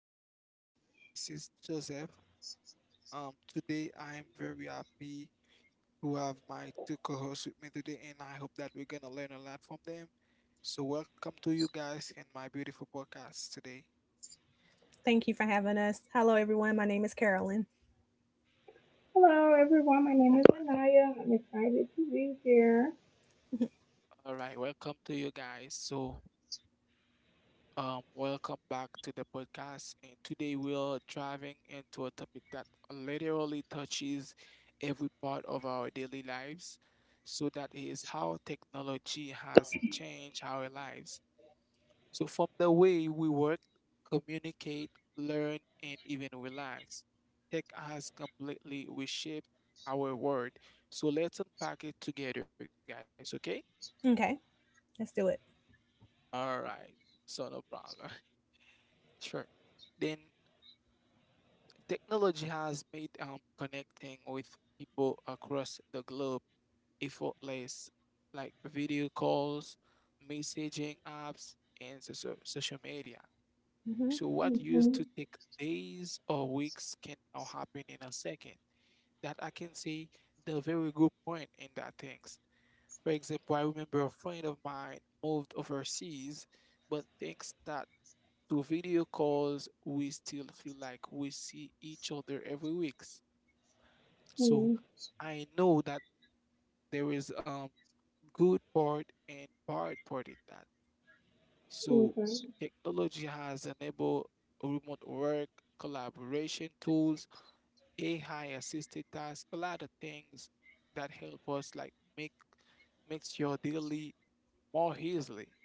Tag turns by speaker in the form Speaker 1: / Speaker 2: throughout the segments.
Speaker 1: right, everybody. This is Joseph. Today I am very happy to have my two co-hosts with me today, and I hope that we're gonna learn a lot from them. So, welcome to you guys in my beautiful podcast today.
Speaker 2: Thank you for having us. Hello, everyone. My name is Carolyn.
Speaker 3: Hello, everyone. My name is
Speaker 1: Right.
Speaker 3: Anaya. I'm excited to be here.
Speaker 1: All right, welcome to you guys. So, welcome back to the podcast, and today we're driving into a topic that literally touches every part of our daily lives. So that is how technology has changed our lives. So from the way we work, communicate, learn, and even relax, tech has completely reshaped our world. So let's unpack it together, guys, okay?
Speaker 2: Okay, let's do it.
Speaker 1: All right. So no problem. Sure. Then technology has made connecting with people across the globe effortless, like video calls, messaging apps, and social media.
Speaker 2: hmm
Speaker 1: So what used to
Speaker 3: Mm-hmm.
Speaker 1: take days or weeks can now happen in a second. That I can say the very good point in that things. For example, I remember a friend of mine moved overseas, but thanks that to video calls, we still feel like we see each other every week. So
Speaker 3: Mm-hmm.
Speaker 1: I know that there is good part and bad part in that. So
Speaker 3: Okay.
Speaker 1: technology has enabled remote work, collaboration tools, AI assisted tasks, a lot of things that help us like makes your daily more easily.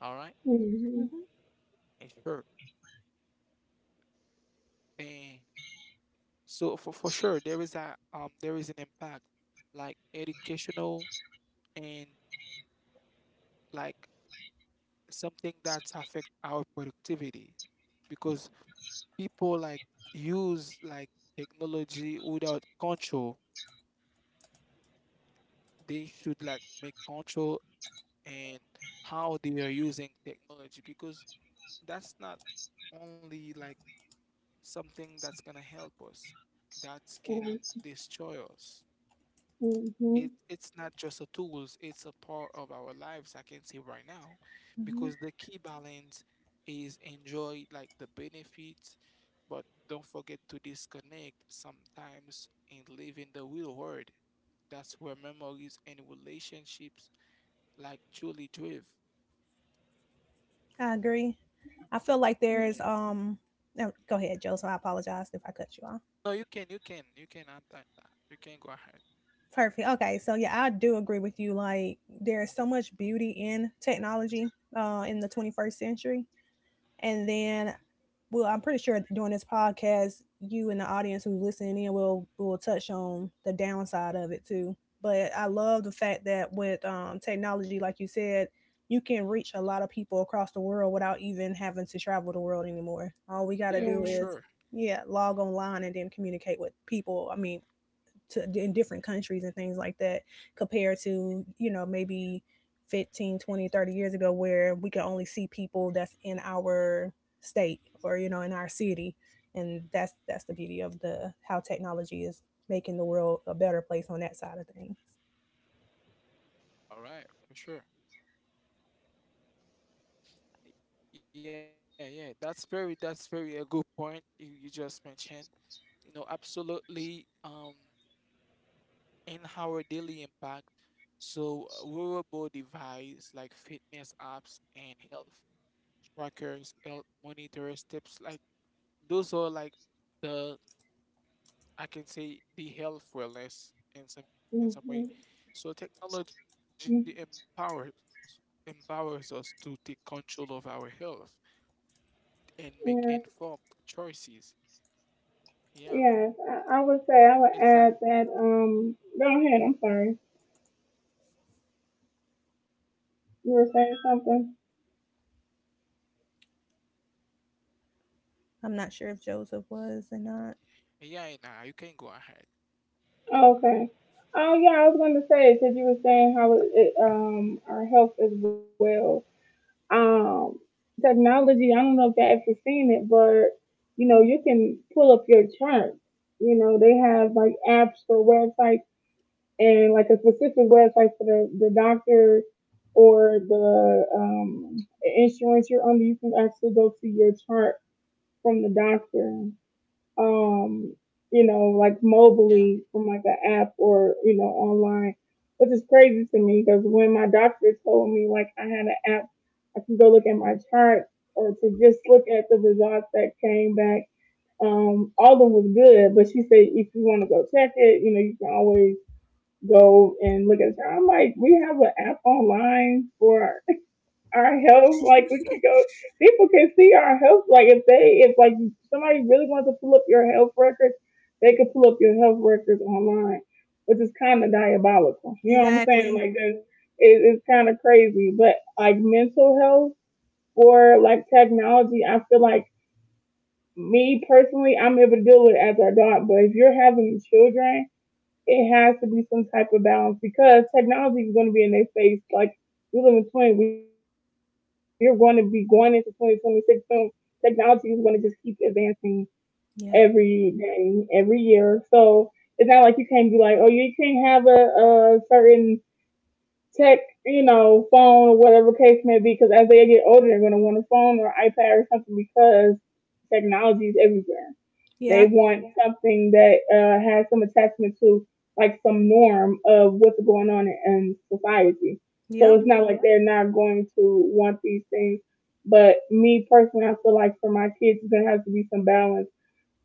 Speaker 1: All right.
Speaker 3: Mm-hmm.
Speaker 2: hmm
Speaker 1: And sure. And so for sure there is a there is an impact like educational and like something that's affect our productivity because people like use like technology without control, they should like make control and how they are using technology because that's not only like something that's gonna help us, that can destroy us. it
Speaker 3: Mm-hmm.
Speaker 1: it's not just a tools, it's a part of our lives, I can say right now
Speaker 2: hmm
Speaker 1: because the key balance is enjoy like the benefits but don't forget to disconnect sometimes and live in the real world. That's where memories and relationships like Julie Drive.
Speaker 2: I agree. I feel like there's
Speaker 1: Yeah.
Speaker 2: um. No, Go ahead, Joe. So I apologize if I cut you off.
Speaker 1: No, you can, you can, you can unpack that. You can go ahead.
Speaker 2: Perfect. Okay, so yeah, I do agree with you. Like there is so much beauty in technology, in the 21st century, and then well, I'm pretty sure during this podcast, you and the audience who's listening in will touch on the downside of it too. But I love the fact that with technology, like you said, you can reach a lot of people across the world without even having to travel the world anymore. All we got to do
Speaker 3: Yeah.
Speaker 2: is,
Speaker 1: Yeah, for
Speaker 2: yeah,
Speaker 1: sure.
Speaker 2: log online and then communicate with people. I mean, to in different countries and things like that compared to you know maybe 15, 20, 30 years ago where we could only see people that's in our state or you know in our city and that's the beauty of the how technology is making the world a better place on that side of things.
Speaker 1: All right, for sure. Yeah, yeah. That's very a good point you just mentioned. You know, absolutely. In our daily impact, so wearable device like fitness apps and health trackers, health monitors, tips like those are like the, I can say the health wellness in some
Speaker 3: Mm-hmm.
Speaker 1: way. So technology empowers us to take control of our health and make informed
Speaker 3: Yeah.
Speaker 1: choices. Yeah,
Speaker 3: Yes. I would say I
Speaker 1: it's
Speaker 3: would
Speaker 1: like
Speaker 3: add that. Go ahead. I'm sorry.
Speaker 1: no, you can.
Speaker 3: You were saying something.
Speaker 2: I'm not sure if
Speaker 1: Yeah,
Speaker 2: Joseph
Speaker 1: nah, you
Speaker 2: was or
Speaker 1: can go
Speaker 2: not.
Speaker 1: ahead.
Speaker 3: Oh, okay. Oh yeah, I was going to say because you were saying how it, it our health as well. um Technology, I don't know if y'all ever seen it, but you know, you can pull up your chart. You know, they have like apps for websites and like a specific website for the doctor or the insurance you're under. You can actually go to your chart from the doctor, um, you know, like
Speaker 1: Yeah,
Speaker 3: mobily from like an app, or you know, online, which is crazy to me because when my doctor told me like I had an app, I could go look at my chart or to just look at the results that came back. All of them was good, but she said if you want to go check it, you know, you can always go and look at the, I'm like, we have an app online for our health. Like we could go, people can see our health. Like if they, if like somebody really wants to pull up your health records, they could pull up your health records online, which is kind of diabolical. You know what I'm saying?
Speaker 2: Exactly.
Speaker 3: Like that, it's kind of crazy. But like mental health or like technology, I feel like me personally, I'm able to deal with it as an adult. But if you're having children, it has to be some type of balance because technology is going to be in their face. Like, we live in 20, we're going to be going into 2026 soon. Technology is going to just keep advancing
Speaker 2: Yeah.
Speaker 3: every day, every year. So it's not like you can't be like, oh, you can't have a certain tech, you know, phone or whatever case may be, because as they get older, they're going to want a phone or iPad or something because technology is everywhere. They
Speaker 2: Yeah.
Speaker 3: want something that has some attachment to like some norm of what's going on in society. So
Speaker 2: Yep.
Speaker 3: it's not like they're not going to want these things. But me personally, I feel like for my kids, there has to be some balance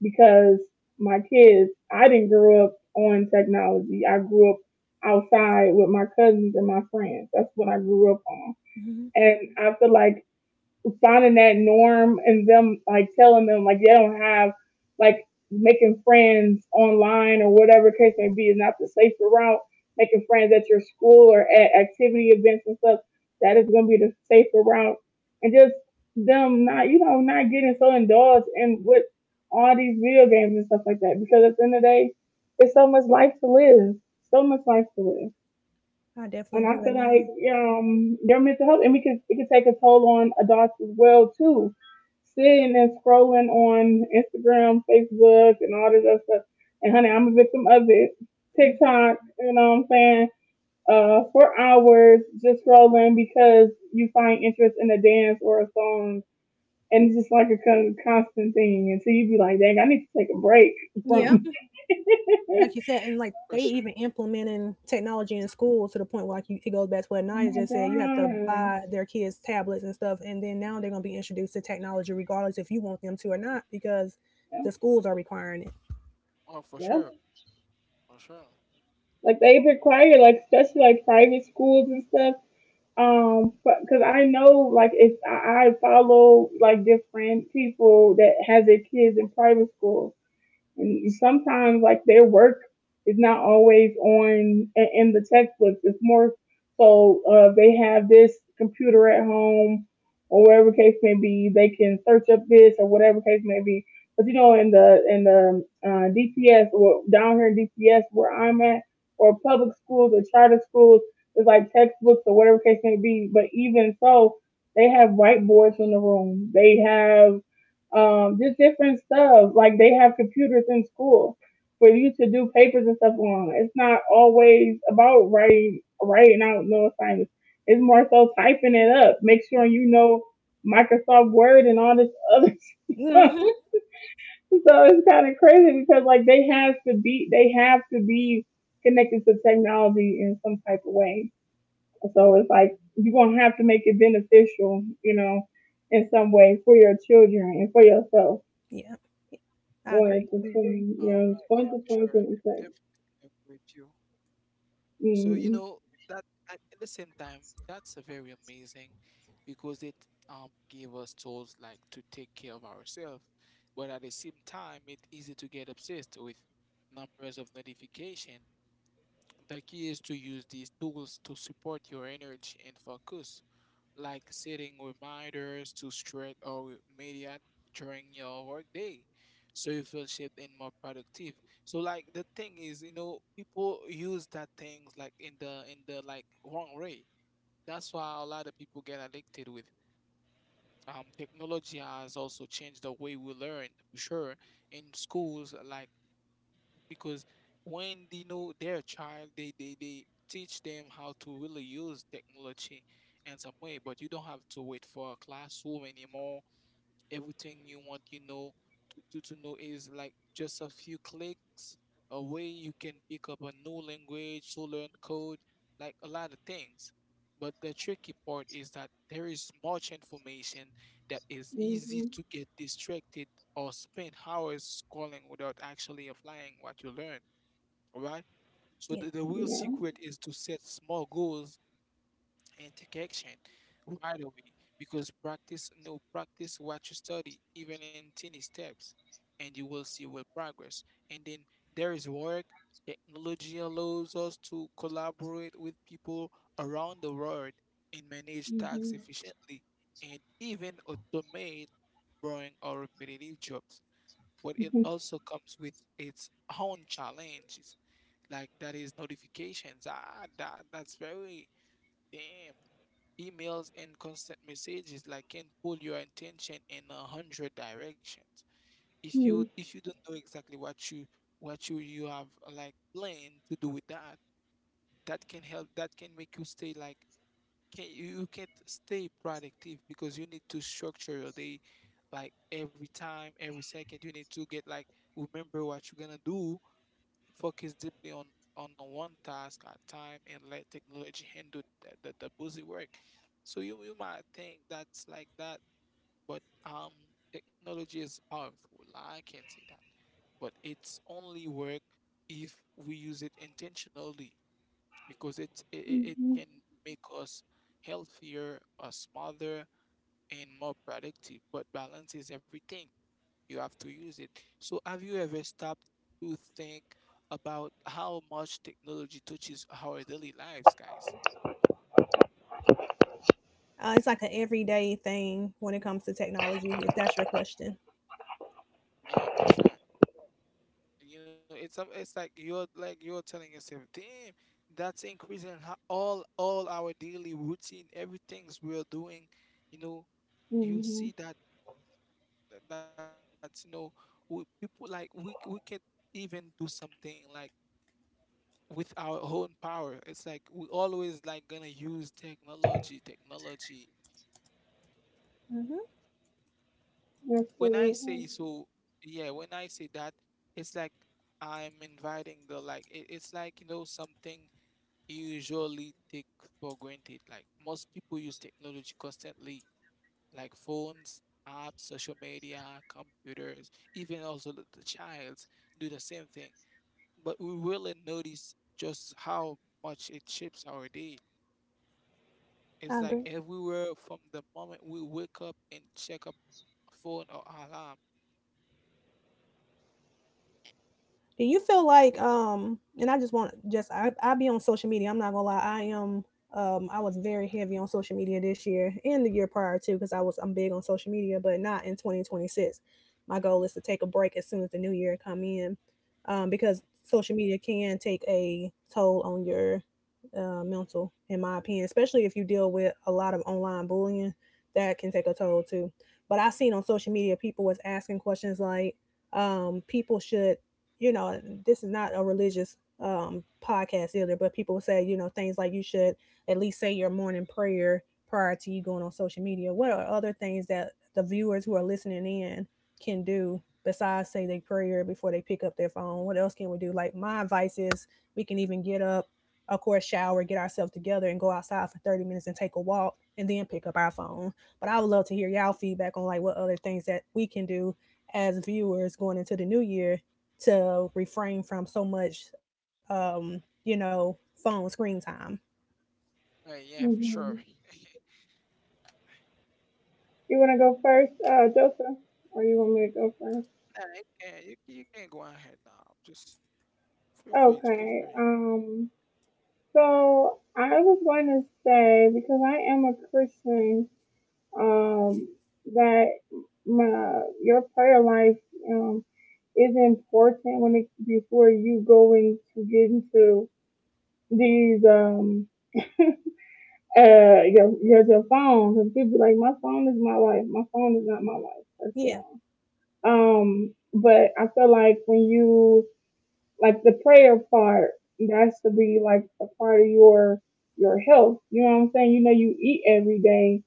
Speaker 3: because my kids, I didn't grow up on technology. I grew up outside with my cousins and my friends. That's what I grew up on.
Speaker 2: hmm
Speaker 3: And I feel like finding that norm and them like telling them like they don't have like making friends online or whatever case may be is not the safer route. Making friends at your school or at activity events and stuff, that is going to be the safer route. And just them not, you know, not getting so indulged in with all these video games and stuff like that, because at the end of the day, it's so much life to live. So much life to live.
Speaker 2: I definitely
Speaker 3: And
Speaker 2: agree
Speaker 3: I
Speaker 2: with
Speaker 3: feel like
Speaker 2: Naya.
Speaker 3: their mental health, and we can, it can take a toll on adults as well too. Sitting and scrolling on Instagram, Facebook, and all this other stuff. And honey, I'm a victim of it.
Speaker 2: hmm
Speaker 3: TikTok, you know what I'm saying? For hours just scrolling because you find interest in a dance or a song, and it's just like a constant thing until you be like, dang, I need to take a break
Speaker 2: Yeah.
Speaker 3: from.
Speaker 2: Like you said, and like they
Speaker 1: for
Speaker 2: even
Speaker 1: sure.
Speaker 2: implementing technology in school to the point where like you, it goes back to what
Speaker 3: Oh
Speaker 2: Naya
Speaker 3: my
Speaker 2: just said. You have to
Speaker 3: god.
Speaker 2: buy their kids tablets and stuff, and then now they're gonna be introduced to technology regardless if you want them to or not because the schools are requiring
Speaker 1: Oh, for
Speaker 3: Yep.
Speaker 1: sure, for sure.
Speaker 3: Like, they require like especially like private schools and stuff. Because I know like if I follow like different people that have their kids in private school, and sometimes like their work is not always on in the textbooks. It's more so they have this computer at home or whatever case may be. They can search up this or whatever case may be. But you know, in the DPS or down here in DPS where I'm at, or public schools or charter schools, it's like textbooks or whatever case may be. But even so, they have whiteboards in the room. They have just different stuff. Like they have computers in school for you to do papers and stuff on. It's not always about writing out no assignments. It's more so typing it up. Make sure
Speaker 2: it.
Speaker 3: you know Microsoft Word and all this other stuff.
Speaker 2: hmm
Speaker 3: So it's kind of crazy because like they have to be connected to technology in some type of way. So it's like you're gonna have to make it beneficial, you know, in some way for your children and for yourself.
Speaker 2: Yeah, I
Speaker 3: Well,
Speaker 2: agree.
Speaker 3: it's the
Speaker 1: All
Speaker 3: yeah,
Speaker 1: right,
Speaker 3: it's
Speaker 1: yeah,
Speaker 3: going
Speaker 1: for
Speaker 3: to
Speaker 1: sure.
Speaker 3: twenty
Speaker 1: I
Speaker 3: twenty
Speaker 1: def-
Speaker 3: six.
Speaker 1: definitely agree with you. So, you
Speaker 3: Mhm.
Speaker 1: know, that at the same time, that's a very amazing because it gave us tools like to take care of ourselves, but at the same time, it's easy to get obsessed with numbers of notification. The key is to use these tools to support your energy and focus like setting reminders to stretch or immediate during your workday, so you feel shaped and more productive. So like the thing is, you know, people use that things like in the like wrong way. That's why a lot of people get addicted with. Technology has also changed the way we learn, for sure. In schools, like because when they know their child, they teach them how to really use technology in some way, but you don't have to wait for a classroom anymore, everything you want you know to, you to know is like just a few clicks away. You can pick up a new language to learn code, like a lot of things, but the tricky part is that there is much information that is easy
Speaker 3: Mhm.
Speaker 1: to get distracted or spend hours scrolling without actually applying what you learn. All right. So
Speaker 2: Yeah.
Speaker 1: the real
Speaker 3: Yeah.
Speaker 1: secret is to set small goals and take action right away because practice no practice what you study even in tiny steps and you will see will progress. And then there is work. Technology allows us to collaborate with people around the world and manage
Speaker 3: Mhm.
Speaker 1: tasks efficiently and even automate boring or repetitive jobs, but it
Speaker 3: Mhm.
Speaker 1: also comes with its own challenges like that is notifications, ah that's very damn. Emails and constant messages like can pull your attention in a hundred directions. If you
Speaker 3: Mhm.
Speaker 1: don't know exactly what you you have like planned to do with that, that can help that can make you stay like, can you, can't stay productive because you need to structure your day like every time, every second you need to get like remember what you're gonna do. Focus deeply on one task at time and let technology handle the busy work. So you might think that's like that, but technology is powerful. I can say that. But it's only work if we use it intentionally because it
Speaker 3: Mhm.
Speaker 1: can make us healthier, smarter, and more productive. But balance is everything, you have to use it. So have you ever stopped to think about how much technology touches our daily lives, guys?
Speaker 2: It's like an everyday thing when it comes to technology, if that's your question.
Speaker 1: Yeah, for sure. You know, it's like you're telling yourself, damn, that's increasing all our daily routine, everything's we're doing. You know,
Speaker 3: Mhm.
Speaker 1: you see that that's you know, we, people like we can't even do something like with our own power. It's like we always like gonna use technology, technology.
Speaker 2: hmm
Speaker 1: When I say
Speaker 3: Absolutely.
Speaker 1: so, yeah, when I say that, it's like I'm inviting the like it, it's like you know something you usually take for granted. Like most people use technology constantly, like phones, apps, social media, computers, even also the childs do the same thing. But we really notice just how much it shapes our day.
Speaker 2: I
Speaker 1: It's like
Speaker 2: agree.
Speaker 1: everywhere from the moment we wake up and check up phone or alarm.
Speaker 2: Do you feel like and I just want just I be on social media. I'm not gonna lie. I am I was very heavy on social media this year and the year prior too because I'm big on social media, but not in 2026. My goal is to take a break as soon as the new year come in, because social media can take a toll on your mental, in my opinion, especially if you deal with a lot of online bullying, that can take a toll too. But I seen on social media people was asking questions like people should you know, this is not a religious podcast either, but people say, you know, things like you should at least say your morning prayer prior to you going on social media. What are other things that the viewers who are listening in can do besides say their prayer before they pick up their phone? What else can we do? Like, my advice is we can even get up, of course, shower, get ourselves together, and go outside for 30 minutes and take a walk and then pick up our phone. But I would love to hear y'all feedback on like what other things that we can do as viewers going into the new year to refrain from so much, you know, phone screen time.
Speaker 1: Yeah, for sure.
Speaker 3: Mhm. You want to go first, Joseph, or you want me to go first?
Speaker 1: Nah, you can you can go ahead now. Just feel free, feel
Speaker 3: Okay.
Speaker 1: free.
Speaker 3: So I was going to say because I am a Christian, um, that my your prayer life um is important when, it before you going to get into these your phones. And people be like, my phone is my life. My phone is not my life. That's
Speaker 2: Yeah,
Speaker 3: wrong. But I feel like when you like the prayer part, that's to be like a part of your health, you know what I'm saying? You know, you eat every day,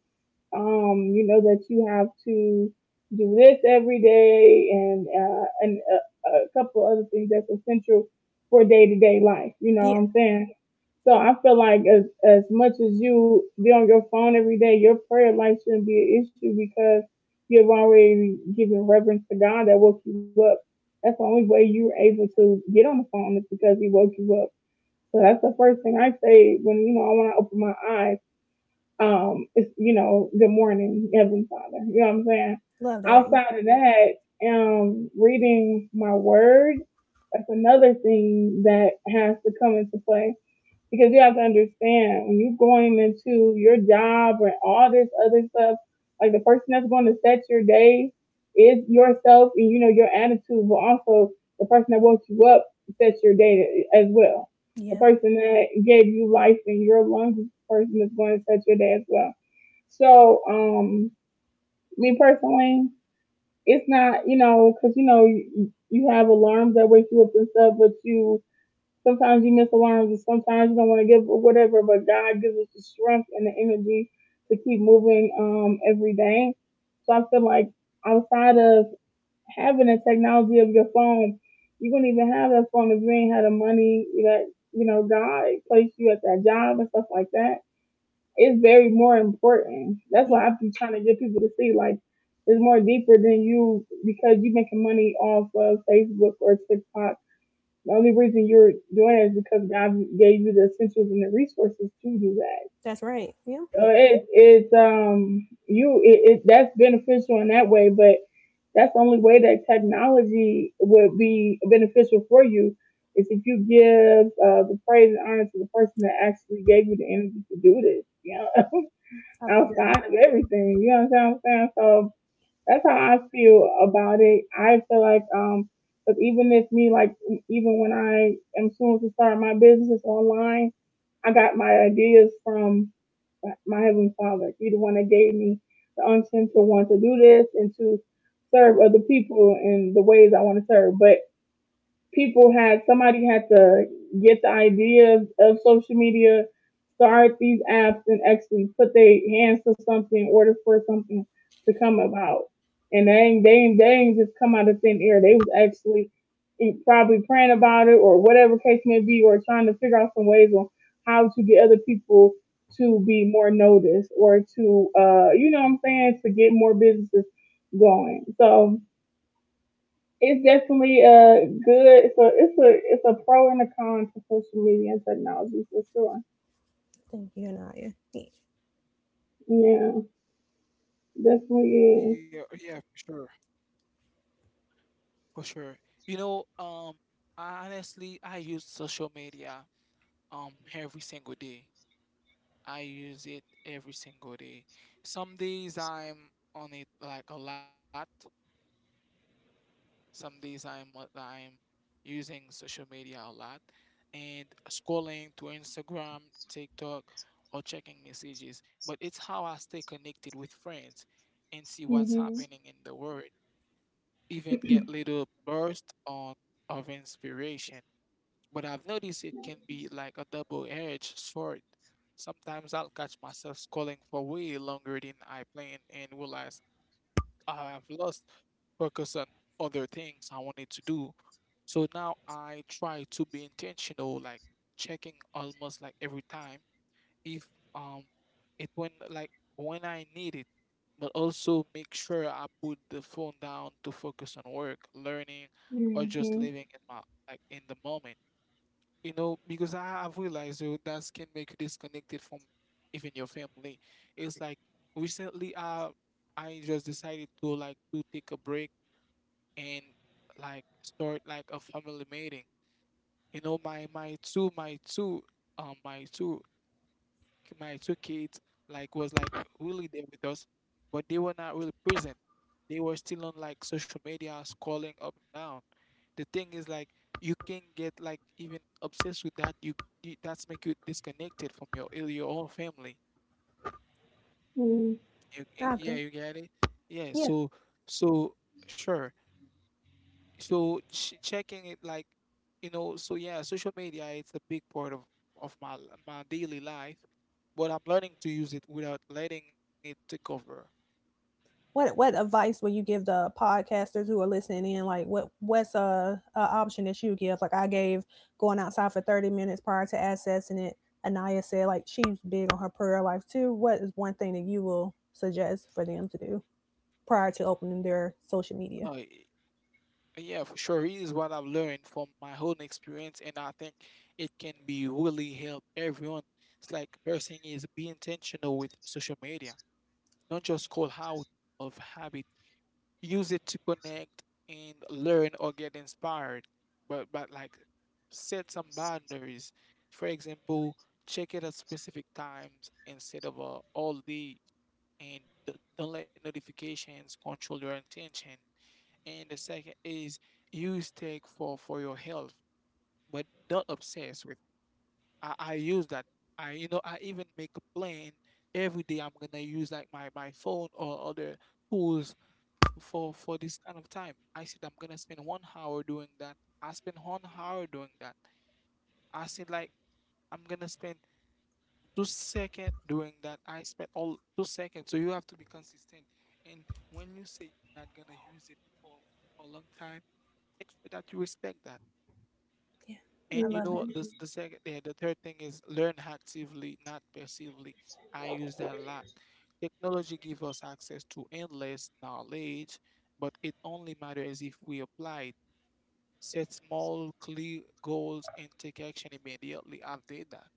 Speaker 3: you know that you have to do this every day. And and a couple other things that's essential for day to day life. You know what
Speaker 2: yeah,
Speaker 3: I'm saying? So I feel like as much as you be on your phone every day, your prayer life shouldn't be an issue because you've already given reverence to God that woke you up. That's the only way you're able to get on the phone is because He woke you up. So that's the first thing I say when you know I want to open my eyes. It's, you know, good morning, Heavenly Father. You know what I'm saying?
Speaker 2: love that.
Speaker 3: Outside of that, reading my word, that's another thing that has to come into play, because you have to understand when you're going into your job and all this other stuff, like the person that's going to set your day is yourself and you know your attitude, but also the person that woke you up sets your day as well. The
Speaker 2: Yeah,
Speaker 3: person that gave you life and your lungs is the person that's going to set your day as well. So, me personally, it's not, you know, because you know, you have alarms that wake you up and stuff, but you, sometimes you miss alarms, and sometimes you don't want to give or whatever. But God gives us the strength and the energy to keep moving, every day. So I feel like outside of having the technology of your phone, you wouldn't even have that phone if you ain't had the money that, you know, God placed you at that job and stuff like that. It's very more important. That's
Speaker 2: yeah,
Speaker 3: why I be trying to get people to see like it's more deeper than you, because you're making money off of Facebook or TikTok. The only reason you're doing it is because God gave you the essentials and the resources to do that.
Speaker 2: that's right. Yeah,
Speaker 3: So it's you, it that's beneficial in that way, but that's the only way that technology would be beneficial for you is if you give the praise and honor to the person that actually gave you the energy to do this. You know,
Speaker 2: I love that.
Speaker 3: outside of everything, you know what I'm saying? So that's how I feel about it. I feel like 'cause even if me like even when I am soon to start my businesses online, I got my ideas from my Heavenly Father. He the one that gave me the unction to want to do this and to serve other people in the ways I want to serve. But people had, somebody had to get the idea of social media, start these apps, and actually put their hands to something in order for something to come about. And they ain't just come out of thin air. They was actually probably praying about it or whatever case may be, or trying to figure out some ways on how to get other people to be more noticed or to, you know what I'm saying, to get more businesses going. So it's definitely good. So it's a pro and a con to social media and technology for sure.
Speaker 2: Thank you, Anaya. Yeah,
Speaker 3: Yeah, definitely
Speaker 1: Yeah, yeah, for sure, for sure. You know, I honestly, I use social media every single day. I use it every single day. Some days I'm on it like a lot. Some days I'm using social media a lot and scrolling to Instagram, TikTok, or checking messages. But it's how I stay connected with friends and see what's
Speaker 3: is. Mhm.
Speaker 1: happening in the world. Even get little burst on of inspiration. But I've noticed it can be like a double-edged sword. Sometimes I'll catch myself scrolling for way longer than I planned and realize I have lost focus on other things I wanted to do. So now I try to be intentional, like checking almost like every time if um it when like when I need it, but also make sure I put the phone down to focus on work, learning, or
Speaker 3: Mhm.
Speaker 1: just living in my like in the moment, you know, because I have realized though, that can make you disconnected from even your family. It's like recently, I just decided to like to take a break and like start like a family meeting. You know, um my two my two kids like was like really there with us, but they were not really present. They were still on like social media, scrolling up and down. The thing is like you can get like even obsessed with that. You that's make you disconnected from your own family. You,
Speaker 2: I
Speaker 1: yeah,
Speaker 2: agree.
Speaker 1: you get it. Yeah,
Speaker 2: Yeah.
Speaker 1: so so sure. So checking it like, you know, so yeah, social media it's a big part of my daily life, but I'm learning to use it without letting it take over.
Speaker 2: What advice would you give the podcasters who are listening in? Like, what's a option that you give? Like, I gave going outside for 30 minutes prior to accessing it. Anaya said, like, she's big on her prayer life too. What is one thing that you will suggest for them to do prior to opening their social media?
Speaker 1: Uh, y- yeah, for sure. It is what I've learned from my own experience, and I think it can be really help everyone. It's like person is be intentional with social media. Don't just call out of habit, use it to connect and learn or get inspired, but set some boundaries. For example, check it at specific times instead of all day and don't let notifications control your intention. And the second is use tech for your health but don't obsess with. I use that. I, you know, I even make a plan every day. I'm gonna use like my phone or other tools for this kind of time. I said I'm gonna spend 1 hour doing that. I spend 1 hour doing that. I said like I'm gonna spend 2 seconds doing that. I spent all 2 seconds. So you have to be consistent. And when you say you're not gonna use it for a long time, make sure that you respect that.
Speaker 2: Yeah,
Speaker 1: And
Speaker 2: I
Speaker 3: Mhm.
Speaker 1: you
Speaker 2: love
Speaker 1: know
Speaker 2: it.
Speaker 1: what?
Speaker 3: Mhm.
Speaker 1: This the second, yeah, the third thing is learn actively, not passively. I use that a lot. Technology gives us access to endless knowledge, but it only matters if we apply it. Set small, clear goals and take action immediately. I've did that.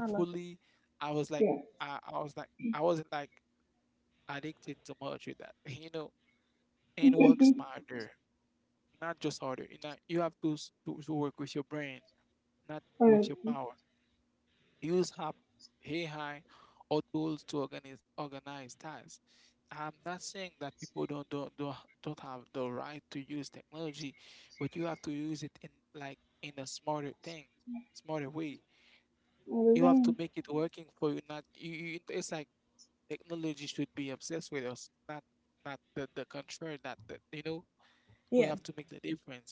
Speaker 2: I love it.
Speaker 1: I was like,
Speaker 3: Yeah.
Speaker 1: I wasn't like addicted too much with that, you know. And work smarter, not just harder. You know, you have to work with your brain, not
Speaker 3: But not
Speaker 1: with
Speaker 3: at
Speaker 1: your power. Use hi, or tools to organize tasks. I'm not saying that people don't have the right to use technology, but you have to use it in like in a smarter thing, smarter way.
Speaker 3: all. The
Speaker 1: You have to
Speaker 3: same.
Speaker 1: make it working for you. Not you. It's like technology should be obsessed with us, not the contrary. That, you know, we have
Speaker 2: Yeah,
Speaker 1: to make the difference,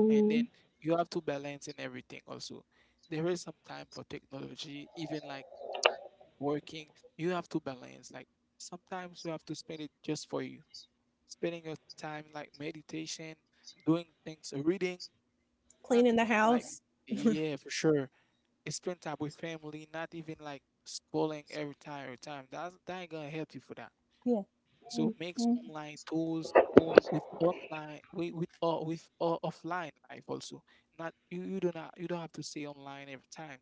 Speaker 1: and then you have to balance in everything also. There is some time for technology even like working, you have to balance. Like sometimes you have to spend it just for you, spending your time like meditation, doing things, reading, not
Speaker 2: cleaning the
Speaker 1: like,
Speaker 2: house.
Speaker 1: yeah, for sure. It's Spend time with family, not even like scrolling every time, every time. That ain't gonna help you for that.
Speaker 2: Yeah,
Speaker 1: So mix
Speaker 3: Mhm.
Speaker 1: online tools with online, with or offline life also. Not you, you do not you don't have to stay online every time.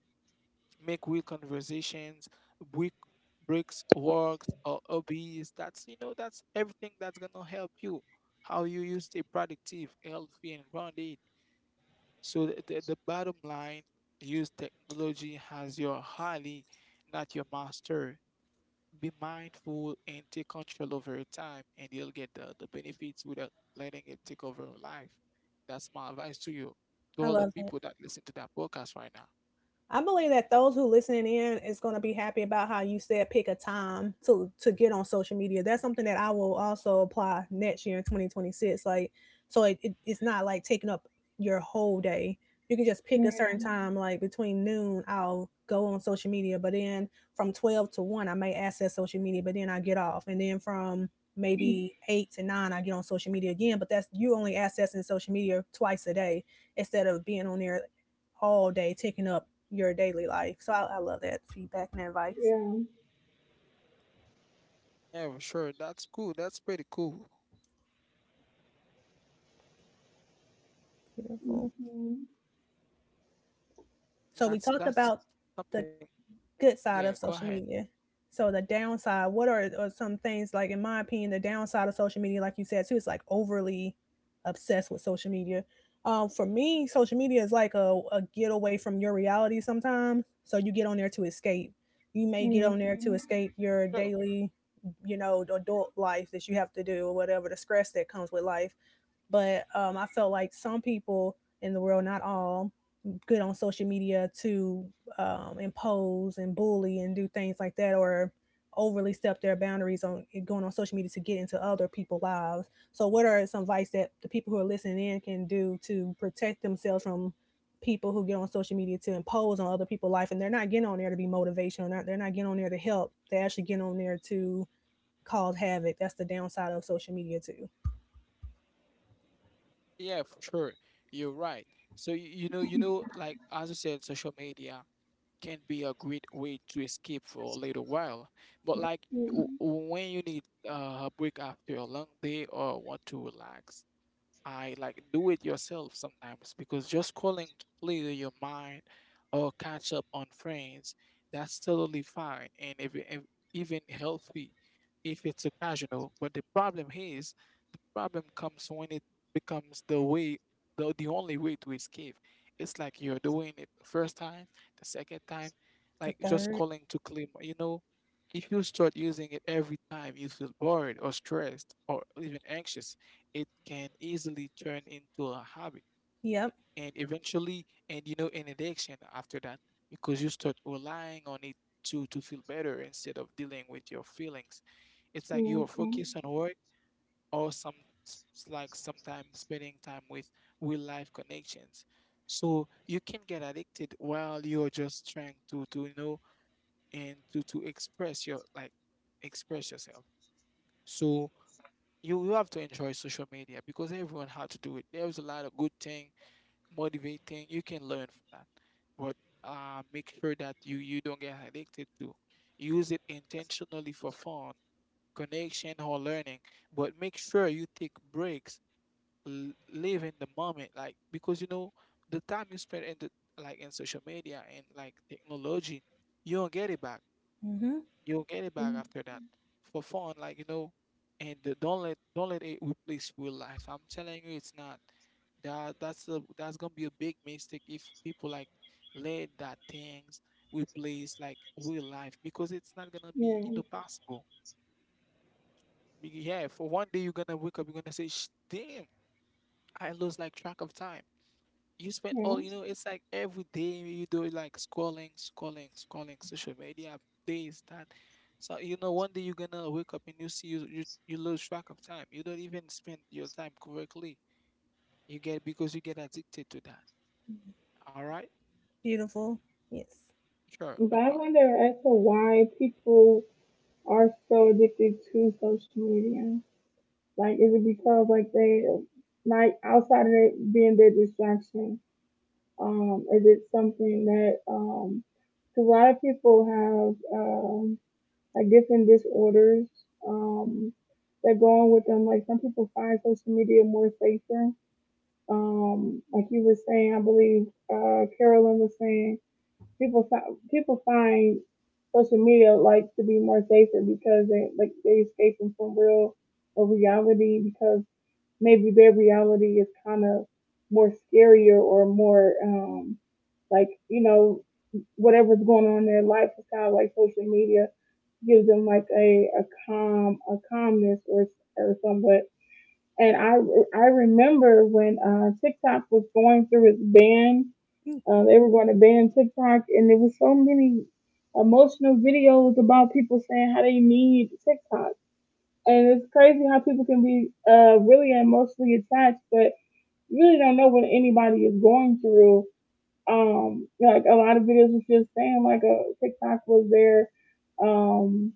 Speaker 1: Make real conversations, break breaks, works or hobbies. That's, you know, that's everything that's gonna help you. How you stay productive, healthy and grounded. So the bottom line, use technology as your highly, not your master. Be mindful and take control over your time and you'll get the benefits without letting it take over your life. That's my advice to you, to
Speaker 2: I
Speaker 1: all the
Speaker 2: love that.
Speaker 1: people that listen to that podcast right now.
Speaker 2: I believe that those who listening in is going to be happy about how you said pick a time to get on social media. That's something that I will also apply next year in 2026. Like, so it's not like taking up your whole day. You can just pick a certain time, like between noon, I'll go on social media. But then from 12 to 1, I may access social media, but then I get off. And then from maybe 8 to 9, I get on social media again. But that's you only accessing social media twice a day instead of being on there all day, taking up your daily life. So I love that feedback and advice.
Speaker 3: Yeah.
Speaker 1: Yeah, sure. That's cool. That's pretty cool.
Speaker 2: Beautiful.
Speaker 3: Mm-hmm.
Speaker 2: So we
Speaker 1: That's
Speaker 2: talked
Speaker 1: that's
Speaker 2: about
Speaker 1: something.
Speaker 2: the
Speaker 1: Yeah, go
Speaker 2: good
Speaker 1: ahead.
Speaker 2: side of social media. So the downside, what are some things like in my opinion, the downside of social media, like you said too, it's like overly obsessed with social media. For me, social media is like a getaway from your reality sometimes. So you get on there to escape. You may get on there to
Speaker 3: Mm-hmm.
Speaker 2: escape your
Speaker 1: Sure.
Speaker 2: daily, you know, adult life that you have to do or whatever, the stress that comes with life, but I felt like some people in the world, not all, good on social media to impose and bully and do things like that, or overly step their boundaries on going on social media to get into other people's lives. So, what are some advice that the people who are listening in can do to protect themselves from people who get on social media to impose on other people's life, and they're not getting on there to be motivational, they're not getting on there to help. They're actually getting on there to cause havoc. That's the downside of social media too.
Speaker 1: Yeah, for sure. You're right. So you, you know, like as I said, social media can be a great way to escape for a little while. But
Speaker 2: Yeah.
Speaker 1: like
Speaker 3: Mm-hmm. Yeah. Mhm.
Speaker 1: when you need a break after a long day or want to relax, I like do it yourself sometimes because just calling to clear your mind or catch up on friends, that's totally fine and if, even healthy if it's occasional. But the problem is, the problem comes when it becomes the way, the only way to escape. It's like you're doing it the first time, the second time,
Speaker 2: The
Speaker 1: like just
Speaker 2: third.
Speaker 1: calling to clear, you know, if you start using it every time you feel bored or stressed or even anxious, it can easily turn into a habit
Speaker 2: Yep.
Speaker 1: and eventually, and you know, an addiction after that because you start relying on it to feel better instead of dealing with your feelings. It's like you
Speaker 3: Mhm.
Speaker 1: are focused
Speaker 3: Mhm.
Speaker 1: on work or some like sometimes spending time with real life connections. So you can get addicted while you're just trying to you know and to express your like express yourself. So you have to enjoy social media because everyone had to do it. There's a lot of good thing, motivating. You can learn from that, but make sure that you don't get addicted to. Use it intentionally for fun, connection, or learning. But make sure you take breaks. Live in the moment, like because you know the time you spend in the like in social media and like technology, you don't get it back.
Speaker 2: hmm
Speaker 1: You'll get it back
Speaker 3: Mhm.
Speaker 1: after that for fun, like you know. And don't let it replace real life. I'm telling you, it's not. That's gonna be a big mistake if people like let that things replace like real life because it's not gonna be you know
Speaker 3: Yeah.
Speaker 1: possible. Yeah, for one day you're gonna wake up, you're gonna say, Damn, I lost like track of time." You spend
Speaker 3: Yeah.
Speaker 1: all, you know, it's like every day you do like scrolling, scrolling, scrolling social media, this, that. So you know one day you're gonna wake up and you see you lose track of time, you don't even spend your time correctly, you get because you get addicted to that. All right.
Speaker 2: Beautiful. Yes.
Speaker 1: Sure, no
Speaker 3: But I
Speaker 1: problem.
Speaker 3: wonder as to why people are so addicted to social media. Like, is it because they like outside of it being their distraction? Is it something that 'cause a lot of people have like different disorders um that go on with them. Like some people find social media more safer. Like you were saying, I believe Carolyn was saying people find social media like to be more safer because they escaping from real or reality because maybe their reality is kind of more scarier or more like you know whatever's going on in their life is kind of like social media gives them like a calmness or somewhat. And I remember when TikTok was going through its ban,
Speaker 2: Mm,
Speaker 3: they were going to ban TikTok, and there was so many emotional videos about people saying how they need TikTok. And it's crazy how people can be really emotionally attached, but you really don't know what anybody is going through. Like a lot of videos was just saying, like a TikTok was there, um,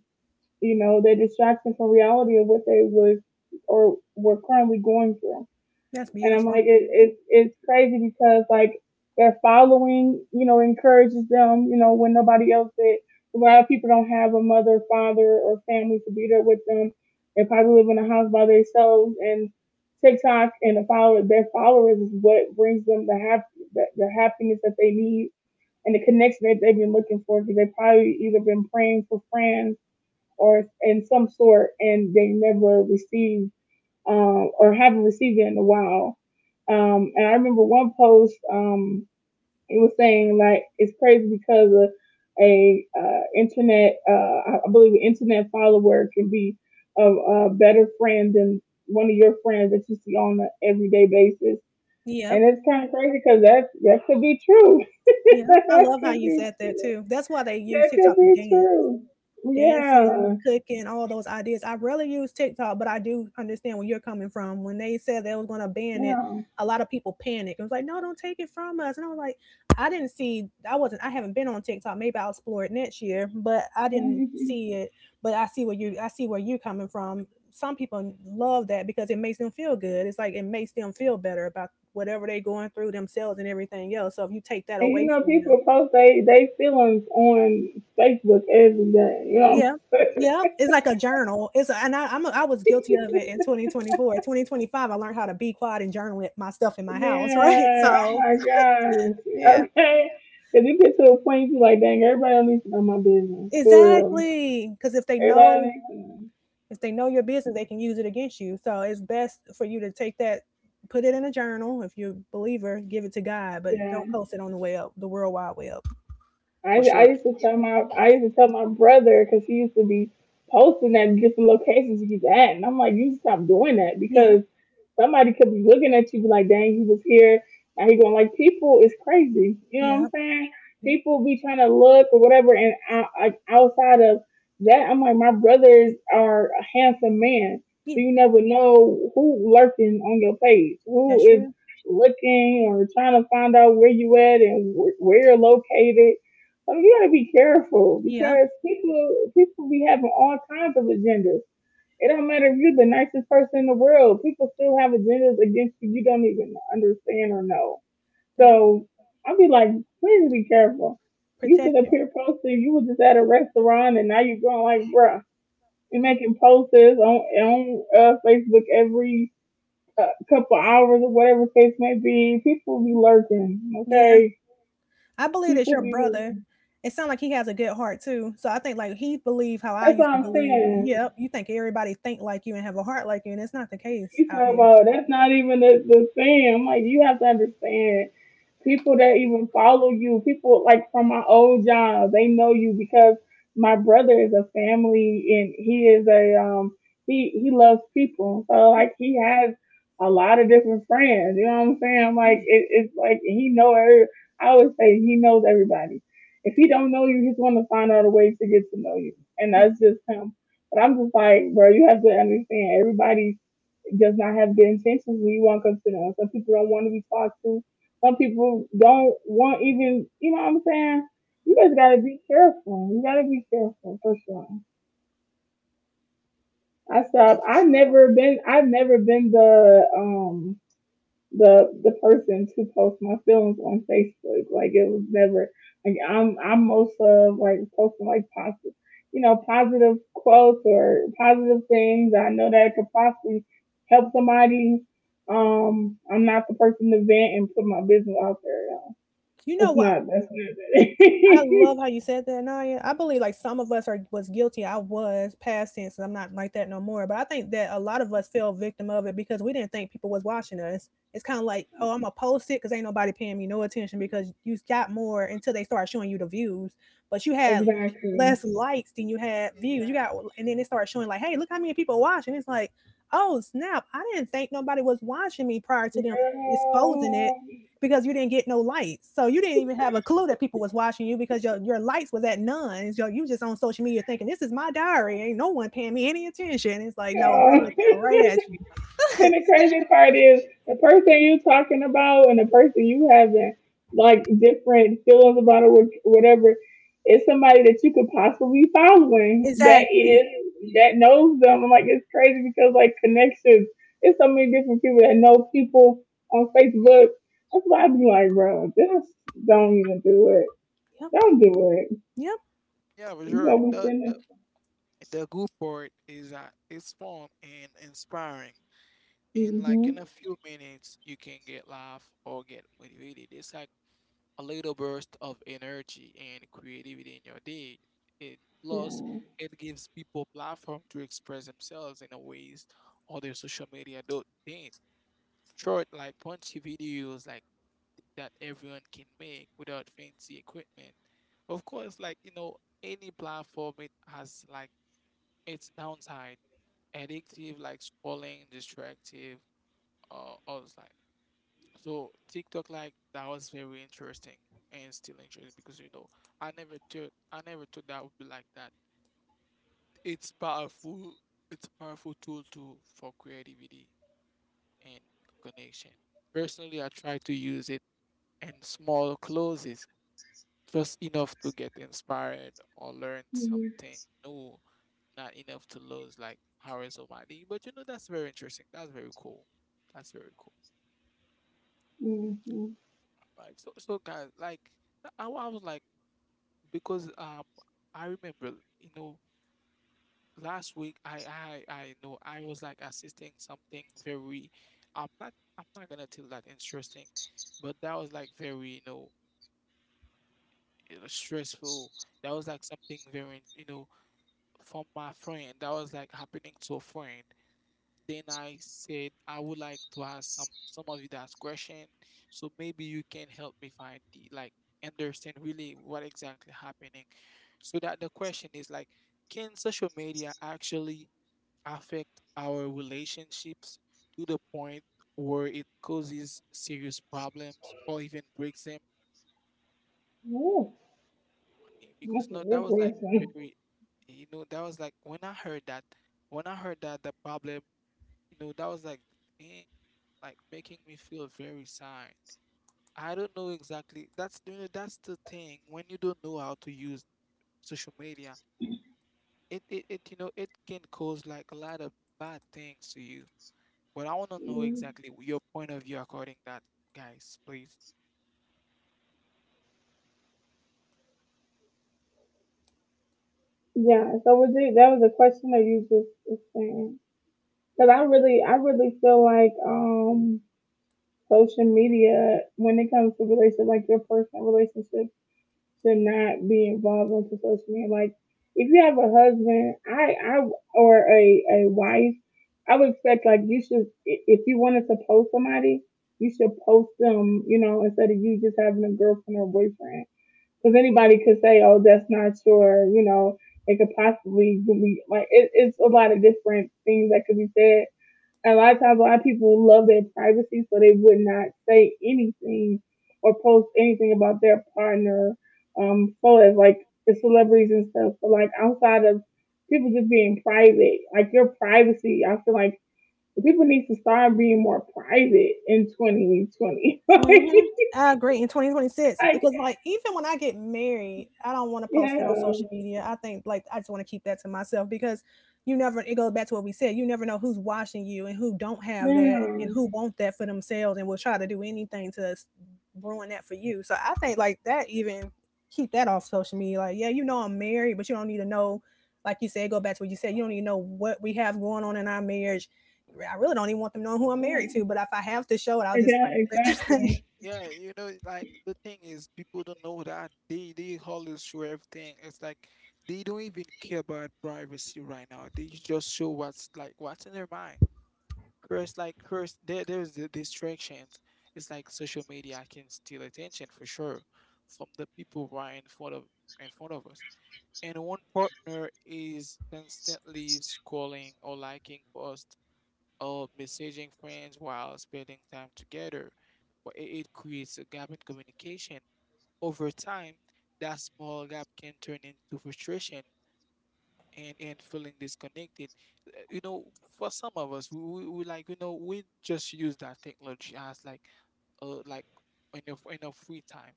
Speaker 3: you know, their distraction from reality of what they was or were currently going through.
Speaker 2: that's
Speaker 3: And I'm
Speaker 2: beautiful.
Speaker 3: like, it's crazy because like their following, you know, encourages them, you know, when nobody else did. A lot of people don't have a mother, father, or family to be there with them. They probably live in a house by themselves, and TikTok and their followers is what brings them the happiness that they need and the connection that they've been looking for because they probably either been praying for friends or in some sort, and they never receive or haven't received it in a while. And I remember one post, it was saying like it's crazy because of a internet, I believe an internet follower can be a better friend than one of your friends that you see on an everyday basis.
Speaker 2: Yep.
Speaker 3: And it's kind of crazy because that could be true.
Speaker 2: Yeah. I
Speaker 3: That
Speaker 2: love how
Speaker 3: could
Speaker 2: you
Speaker 3: be
Speaker 2: said that
Speaker 3: true.
Speaker 2: too. That's why they use
Speaker 3: That could
Speaker 2: TikTok to
Speaker 3: be
Speaker 2: dance,
Speaker 3: true.
Speaker 2: dancing,
Speaker 3: Yeah.
Speaker 2: cooking, all those ideas. I rarely use TikTok, but I do understand where you're coming from. When they said they was going to
Speaker 3: Yeah.
Speaker 2: ban it, a lot of people panicked. It was like, no, don't take it from us. And I was like, I didn't see, I wasn't, I haven't been on TikTok. Maybe I'll explore it next year, but I didn't see it. But I see where you, I see where you're coming from. Some people love that because it makes them feel good. It's like it makes them feel better about whatever they're going through themselves and everything else. So if you take that
Speaker 3: And you
Speaker 2: away
Speaker 3: know,
Speaker 2: from them,
Speaker 3: people post they feelings on Facebook every day. You know,
Speaker 2: yeah,
Speaker 3: what I'm
Speaker 2: yeah, it's like a journal. It's a, and I was guilty of it in
Speaker 3: saying?
Speaker 2: 2024. 2025, I learned how to be quiet and journal it my stuff in my house, right?
Speaker 3: Man, oh
Speaker 2: So
Speaker 3: my gosh,
Speaker 2: yeah,
Speaker 3: okay. Cause you get to a point you be like, dang, everybody needs to know my business for real.
Speaker 2: exactly. Because
Speaker 3: Everybody needs to know.
Speaker 2: if they know your business, they can use it against you. So it's best for you to take that, put it in a journal. If you're a believer, give it to God, but
Speaker 3: Yeah.
Speaker 2: don't post it on the web, the World Wide Web.
Speaker 1: For sure.
Speaker 3: I used to tell my brother because he used to be posting at different locations he's at, and I'm like, you should stop doing that
Speaker 2: Yeah,
Speaker 3: because somebody could be looking at you be like, dang, he was here. Now he going like, people is crazy. You know what
Speaker 2: yeah,
Speaker 3: I'm saying?
Speaker 2: yeah,
Speaker 3: People be trying to look or whatever, and outside of that, I'm like, my brothers are a handsome man, so
Speaker 2: yeah.
Speaker 3: you never know who lurking on your page,
Speaker 2: That's
Speaker 3: who is
Speaker 2: true.
Speaker 3: looking or trying to find out where you at and where you're located. I mean, you gotta be careful
Speaker 2: Yep,
Speaker 3: because people be having all kinds of agendas. It don't matter if you're the nicest person in the world, people still have agendas against you you don't even understand or know.
Speaker 2: that's
Speaker 3: So I'll be like, please be careful. You sit
Speaker 2: protect
Speaker 3: up here
Speaker 2: yourself.
Speaker 3: posting, you were just at a restaurant and now you're going like, bruh, you're making posts on Facebook every couple hours or whatever the case may be. People be lurking,
Speaker 2: Yeah.
Speaker 3: okay?
Speaker 2: I believe it's
Speaker 3: People
Speaker 2: your
Speaker 3: be
Speaker 2: brother.
Speaker 3: lurking.
Speaker 2: It sounds like he has a good heart too. So I think like he believe how I
Speaker 3: That's what
Speaker 2: used to
Speaker 3: I'm
Speaker 2: believe.
Speaker 3: saying.
Speaker 2: Yep, you think everybody think like you and have a heart like you, and it's not the case
Speaker 3: She's
Speaker 2: out
Speaker 3: talking
Speaker 2: here.
Speaker 3: about that's not even the thing. I'm like, you have to understand people that even follow you, people like from my old job, they know you because my brother is a family and he is a he loves people. So like he has a lot of different friends. You know what I'm saying?
Speaker 2: Yeah,
Speaker 3: Like it's like he know every, I always say he knows everybody. If he don't know you, he's gonna find out a way to get to know you. And
Speaker 2: yeah.
Speaker 3: that's just him. But I'm just like, bro, you have to understand everybody does not have good intentions when you walk up to them. Some people don't want to be talked to. Some people don't want even, you know what I'm saying? You just gotta be careful. You gotta be careful for sure.
Speaker 1: Yeah, for sure.
Speaker 3: I've never been the person to post my feelings on Facebook. Like it was never like I'm most of like posting like positive you know, positive quotes or positive things. I know that it could possibly help somebody. I'm not the person to vent and put my business out there, y'all.
Speaker 2: You know
Speaker 3: It's
Speaker 2: what?
Speaker 3: not That's not
Speaker 2: I love
Speaker 3: it.
Speaker 2: how you said that, Naya. I believe like some of us are was guilty. I was past tense, and I'm not like that no more. But I think that a lot of us fell victim of it because we didn't think people was watching us. It's kind of like, oh, I'm gonna post it because ain't nobody paying me no attention because you got more until they start showing you the views, but you had
Speaker 1: Yeah,
Speaker 3: Exactly.
Speaker 2: less likes than you had views. You got, and then they start showing like, hey, look how many people watching. It's like, oh snap! I didn't think nobody was watching me prior to them exposing it because you didn't get no lights. So you didn't even have a clue that people was watching you because your lights was at none. So you just on social media thinking, this is my diary. Ain't no one paying me any attention. It's like, no, they're
Speaker 3: Yeah.
Speaker 2: looking right at you.
Speaker 3: And the
Speaker 1: you
Speaker 3: crazy
Speaker 1: know
Speaker 3: part
Speaker 1: but
Speaker 3: is
Speaker 1: the-
Speaker 3: the person you talking about and the person you having like different feelings about or whatever is somebody that you could possibly be following
Speaker 2: Exactly.
Speaker 3: that knows them. I'm like it's crazy because like connections, there's so many different people that know people on Facebook. That's why I be like, bro, just don't even do it.
Speaker 2: Yep.
Speaker 3: Don't do it.
Speaker 2: Yep.
Speaker 1: yeah, for
Speaker 3: You
Speaker 1: sure.
Speaker 3: gonna be
Speaker 1: The
Speaker 3: sending.
Speaker 1: The good part is that it's fun and inspiring. And like
Speaker 3: Mhm.
Speaker 1: in a few minutes, you can get laugh or get motivated. It's like a little burst of energy and creativity in your day. And plus,
Speaker 3: Yeah.
Speaker 1: it gives people platform to express themselves in a ways other social media don't think. Short, like punchy videos like that everyone can make without fancy equipment. Of course, like you know, any platform it has like its downside addictive, like scrolling, distractive, all this like. So TikTok, like that was very interesting and still interesting because you know I never thought that would be like that. It's powerful. It's a powerful tool to for creativity and connection. Personally, I try to use it in small closes. Just enough to get inspired or learn
Speaker 3: Mhm.
Speaker 1: something new, not enough to lose like hours of my day. But you know, that's very interesting. That's very cool. That's very cool.
Speaker 3: Mhm.
Speaker 1: Right. So, so guys, like, I, wa- I was like, because I remember, you know, last week I know I was like assisting something very, I'm not gonna tell that interesting, but that was like very you know stressful. That was like something very you know from my friend that was like happening to a friend. Then I said I would like to ask some of you that question, so maybe you can help me find the like understand really what exactly happening. So that the question is like, can social media actually affect our relationships to the point where it causes serious problems or even breaks them?
Speaker 3: Yeah.
Speaker 1: Because
Speaker 3: That's a
Speaker 1: no, that was like
Speaker 3: good
Speaker 1: very, you know, that was like when I heard that the problem. You know, that was like the thing, like making me feel very sad. I don't know exactly. That's you know, that's the thing. When you don't know how to use social media, it you know it can cause like a lot of bad things to you. But I want to know
Speaker 3: question.
Speaker 1: exactly your point of view according that, guys, please.
Speaker 3: Yeah, so was it, that was a question that you just was saying. Because I really feel like social media, when it comes to relationship, like your personal relationship, should not be involved onto social media. Like if you have a husband, I or a wife, I would expect like you should, if you wanted to post somebody, you should post them, you know, instead of you just having a girlfriend or boyfriend because anybody could say, "Oh, that's not your," you know, it could possibly be like it's a lot of different things that could be said. And a lot of times, a lot of people love their privacy, so they would not say anything or post anything about their partner, so as like the celebrities and stuff. But like outside of people just being private, like your privacy, I feel like the people need to start being more private in 2020. Like,
Speaker 2: Mhm. I agree in 2026 because, like, even when I get married, I don't want to post it on
Speaker 3: yeah,
Speaker 2: social media. I think, like, I just want to keep that to myself because you never. It goes back to what we said. You never know who's watching you and who don't have that and
Speaker 3: yeah,
Speaker 2: who want that for themselves and will try to do anything to ruin that for you. So I think, like, that even keep that off social media. Like, yeah, you know I'm married, but you don't need to know. Like you said, go back to what you said. You don't need to know what we have going on in our marriage. I really don't even want them
Speaker 3: yeah.
Speaker 2: knowing who I'm married to. But if I have to show it,
Speaker 3: Yeah,
Speaker 2: I'll just like,
Speaker 3: exactly.
Speaker 1: Yeah, you know, like the thing is, people don't know that they always show everything. It's like they don't even care about privacy right now. They just show what's like what's in their mind. First, like first, there's the distractions. It's like social media can steal attention for sure from the people who are in front of us. And one partner is constantly scrolling or liking posts or messaging friends while spending time together. It it creates a gap in communication. Over time, that small gap can turn into frustration and feeling disconnected. You know, for some of us, we like you know we just use that technology as like in your free time.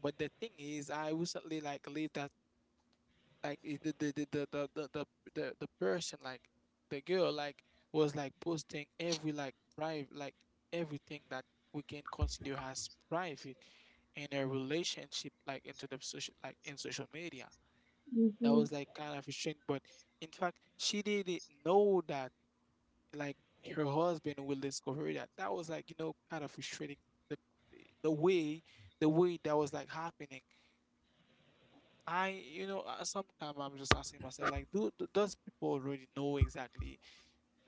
Speaker 1: But the thing is, I recently like leave that like it- the person like the girl like was like posting every like private like everything that we can consider as private in a relationship like into the social like in social media. That
Speaker 3: Hmm.
Speaker 1: was like kind of a shame, but in fact, she didn't know that like her husband will discover that. That was like you know kind of frustrating. The the way the way that was like happening. I you know sometimes I'm just asking myself like, do, do does people already know exactly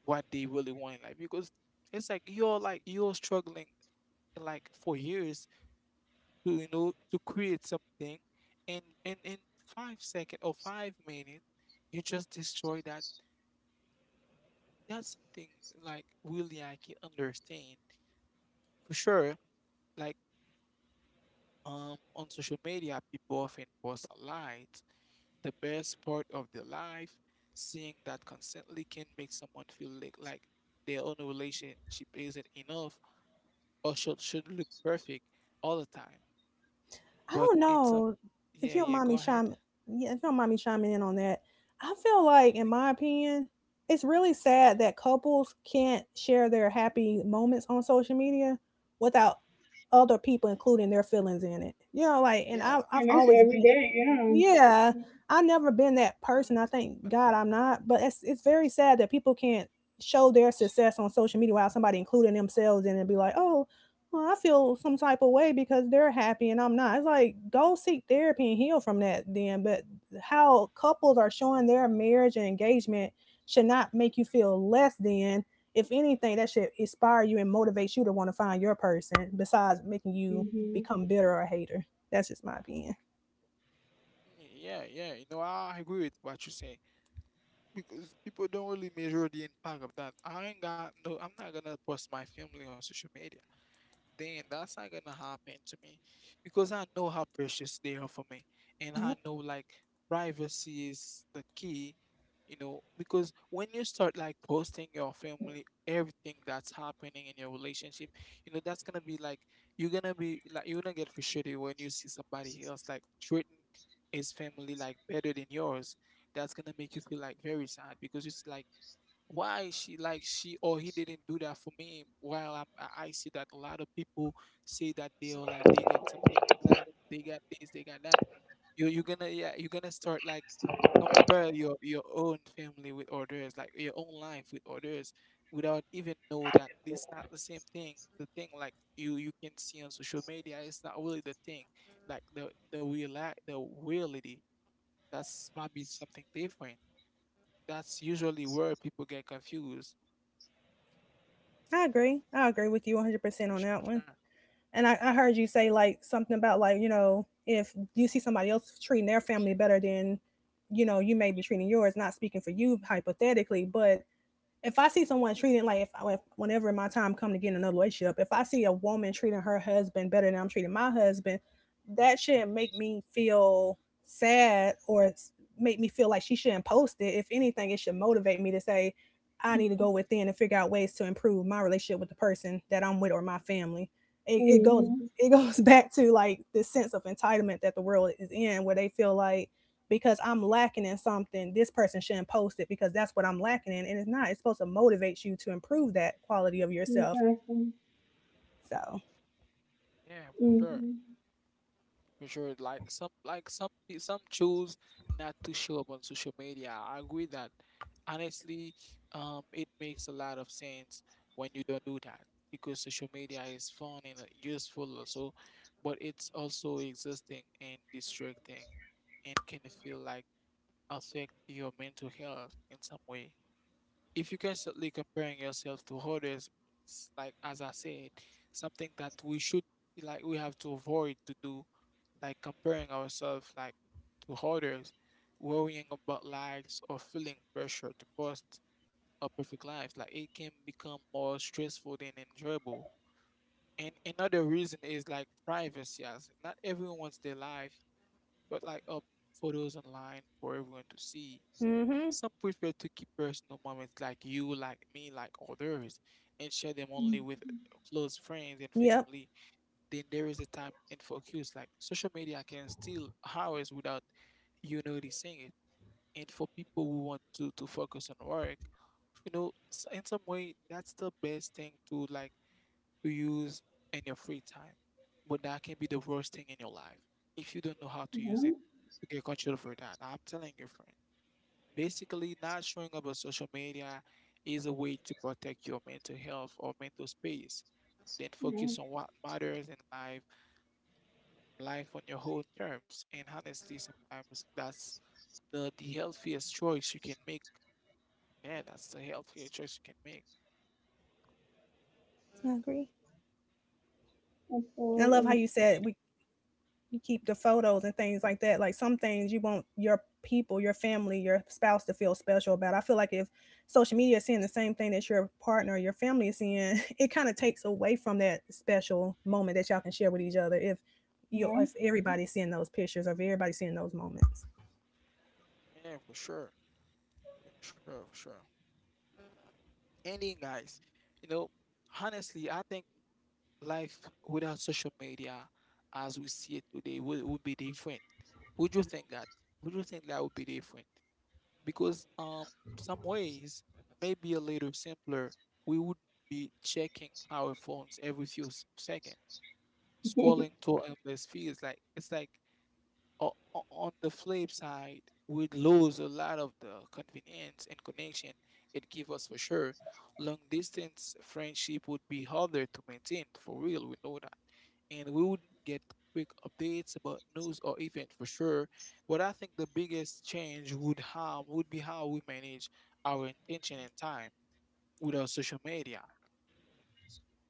Speaker 1: what they really want in life? Because it's like you're struggling like for years to you know to create something, and in five second or five minutes you just destroy that. That's something like really I can understand for sure. Like on social media, people often post a light, the best part of their life. Seeing that constantly can make someone feel like their own relationship isn't enough or should look perfect all the time.
Speaker 2: I
Speaker 1: But
Speaker 2: don't
Speaker 1: in some,
Speaker 2: know if you don't
Speaker 1: yeah,
Speaker 2: mind
Speaker 1: go
Speaker 2: me
Speaker 1: ahead.
Speaker 2: chime, yeah, if you don't mind me chiming in on that. I feel like, in my opinion, it's really sad that couples can't share their happy moments on social media without other people including their feelings in it.
Speaker 1: Yeah,
Speaker 2: I've
Speaker 3: And that's
Speaker 2: always
Speaker 3: every
Speaker 2: been.
Speaker 3: day,
Speaker 2: Yeah,
Speaker 3: yeah.
Speaker 2: I never been that
Speaker 1: I-
Speaker 2: person,
Speaker 1: need
Speaker 2: I
Speaker 1: to-
Speaker 2: thank God I'm not, but it's very sad that people can't show their success on social media while somebody including themselves in it and be like, "Oh, well, I feel some type of way because they're happy and I'm not." It's like, go seek therapy and heal from that then, but how couples are showing their marriage and engagement should not make you feel less than. If anything, that should inspire you and motivate you to wanna find your person besides making you
Speaker 3: Hmm.
Speaker 2: become bitter or a hater. That's just my opinion.
Speaker 1: yeah, yeah. You know, I agree with what you say. Because people don't really measure the impact of that. I ain't got no. I'm not gonna post my family on social media, then that's not gonna happen to me because I know how precious they are for me, and
Speaker 2: Yeah.
Speaker 1: I know, like, privacy is the key, you know, because when you start like posting your family, everything that's happening in your relationship, you know, that's gonna be like you're gonna be like you're gonna get frustrated when you see somebody else like treating his family like better than yours. That's gonna make you feel like very sad because it's like why she like she or he didn't do that for me while I'm, I see that a lot of people say that they're like they get something like that, they got this, they got that. You're gonna, yeah, you're gonna start like compare your own family with others, like your own life with others, without even know that it's not the same thing. The thing like you can see on social media, it's not really the thing, like the real, the reality, that's might be something different. That's usually where people get confused.
Speaker 2: I agree. I agree with you 100%
Speaker 1: For
Speaker 2: on that one.
Speaker 1: sure.
Speaker 2: I heard you say like something about like, you know, if you see somebody else treating their family better than, you know, you may be treating yours, not speaking for you hypothetically, but if I see someone treating like if I, whenever my time come to get in another relationship, if I see a woman treating her husband better than I'm treating my husband, that shouldn't make me feel sad or make me feel like she shouldn't post it. If anything, it should motivate me to say I need to go within and figure out ways to improve my relationship with the person that I'm with or my family. It goes,
Speaker 3: Hmm.
Speaker 2: it goes back to like this sense of entitlement that the world is in, where they feel like because I'm lacking in something, this person shouldn't post it because that's what I'm lacking in. And it's not, it's supposed to motivate you to improve that quality of yourself.
Speaker 3: Exactly.
Speaker 2: So,
Speaker 1: Yeah, for sure.
Speaker 3: Mm-hmm.
Speaker 1: For sure. Like some, like some some choose not to show up on social media. I agree that, honestly, it makes a lot of sense when you don't do that because social media is fun and useful also, but it's also exhausting and distracting and can feel like affect your mental health in some way. If you're constantly comparing yourself to others, like as I said, something that we should, like we have to avoid to do, like comparing ourselves like to others, worrying about likes or feeling pressure to post a perfect life. Like it can become more stressful than enjoyable. And another reason is like privacy. As not everyone wants their life, but like up photos online for everyone to see.
Speaker 2: mm hmm.
Speaker 1: Some prefer to keep personal moments, like you, like me, like others, and share them only
Speaker 3: Mm-hmm.
Speaker 1: with close friends and
Speaker 2: Yep,
Speaker 1: family. Then there is a time and focus, like social media can steal hours without you noticing it. And for people who want to focus on work, you know, in some way, that's the best thing to like to use in your free time. But that can be the worst thing in your life if you don't know how to use it,
Speaker 3: Yeah,
Speaker 1: to get control for that. I'm telling your friend. Basically, not showing up on social media is a way to protect your mental health or mental space. Then
Speaker 3: yeah,
Speaker 1: focus on what matters in life, life on your own terms. And honestly, sometimes that's the healthiest choice you can make. Yeah, that's the healthiest choice you can make.
Speaker 2: I agree. I love how
Speaker 3: absolutely.
Speaker 2: you said we you keep the photos and things like that. Like some things you want your people, your family, your spouse to feel special about. I feel like if social media is seeing the same thing that your partner or your family is seeing, it kind of takes away from that special moment that y'all can share with each other if you,
Speaker 3: Yeah,
Speaker 2: if everybody's seeing those pictures or if everybody's seeing those moments.
Speaker 1: Yeah, for sure. For sure, for sure. Ending, guys, you know, honestly, I think life without social media as we see it today would be different. Would you think that? Would you think that would be different? Because some ways may be a little simpler. We would be checking our phones every few seconds, scrolling through endless feeds. Like it's like on the flip side, we lose a lot of the convenience and connection it gives us for sure. Long distance friendship would be harder to maintain, for real, we know that. And we would get quick updates about news or event for sure. But I think the biggest change would have would be how we manage our intention and time with our social media.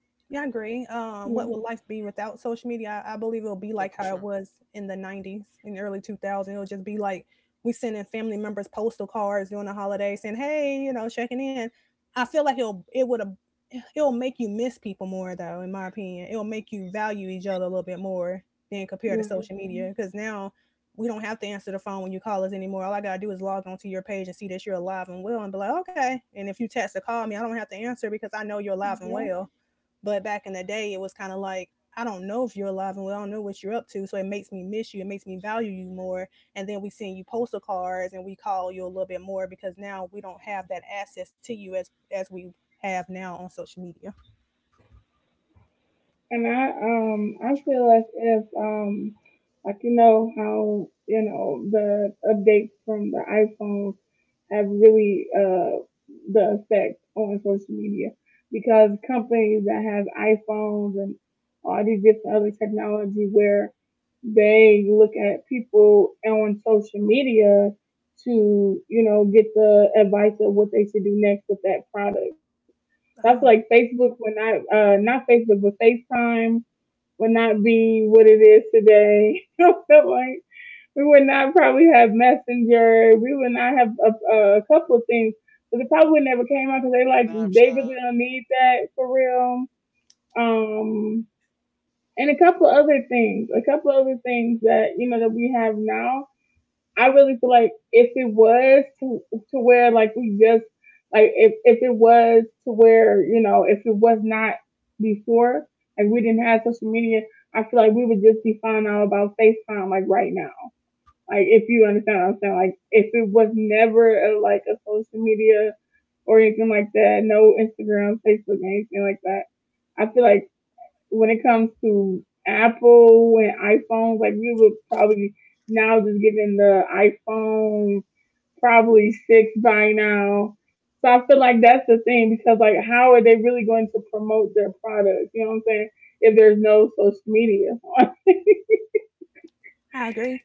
Speaker 3: yeah,
Speaker 2: Yeah, I agree. What will life be without social media? I believe it'll be
Speaker 1: Yeah,
Speaker 2: like
Speaker 1: for
Speaker 2: how it
Speaker 1: sure.
Speaker 2: was in the '90s, in the early 2000s. It'll just be like we sending family members postal cards during the holiday, saying, "Hey, you know, checking in." I feel like it'll it would have it'll make you miss people more, though. In my opinion, it'll make you value each other a little bit more than compared to
Speaker 3: yeah,
Speaker 2: social media. Because now we don't have to answer the phone when you call us anymore. All I gotta do is log onto your page and see that you're alive and well, and be like, "Okay." And if you text or call me, I don't have to answer because I know you're alive and
Speaker 3: yeah.
Speaker 2: well, but back in the day, it was kind of like, I don't know if you're alive and we don't know what you're up to. So it makes me miss you. It makes me value you more. And then we send you postal cards and we call you a little bit more because now we don't have that access to you as we have now on social media.
Speaker 3: And I
Speaker 1: Sure.
Speaker 3: feel like if like you know how you know the updates from the iPhones have really the effect on social media because companies that have iPhones and all these different other technology where they look at people on social media to you know get the advice of what they should do next with that product. That's like
Speaker 2: Oh,
Speaker 3: Facebook when I not Facebook but FaceTime would not be what it is today. Like we would not probably have Messenger. We would not have a couple of things. But it probably would never came out because they like they
Speaker 1: Snapchat,
Speaker 3: really don't need that for real. Um, and a couple of other things that you know that we have now I really feel like if it was to where like we just like if it was to where you know if it was not before like we didn't have social media, I feel like we would just be finding out about FaceTime like right now. Like if you understand what I'm saying, like if it was never like a social media or anything like that, no Instagram, Facebook, anything like that. I feel like when it comes to Apple and iPhones, like we would probably now just getting the iPhone probably six by now. So I feel like that's the thing because like how are they really going to promote their product? You know what I'm saying? If there's no social media, like
Speaker 2: I agree.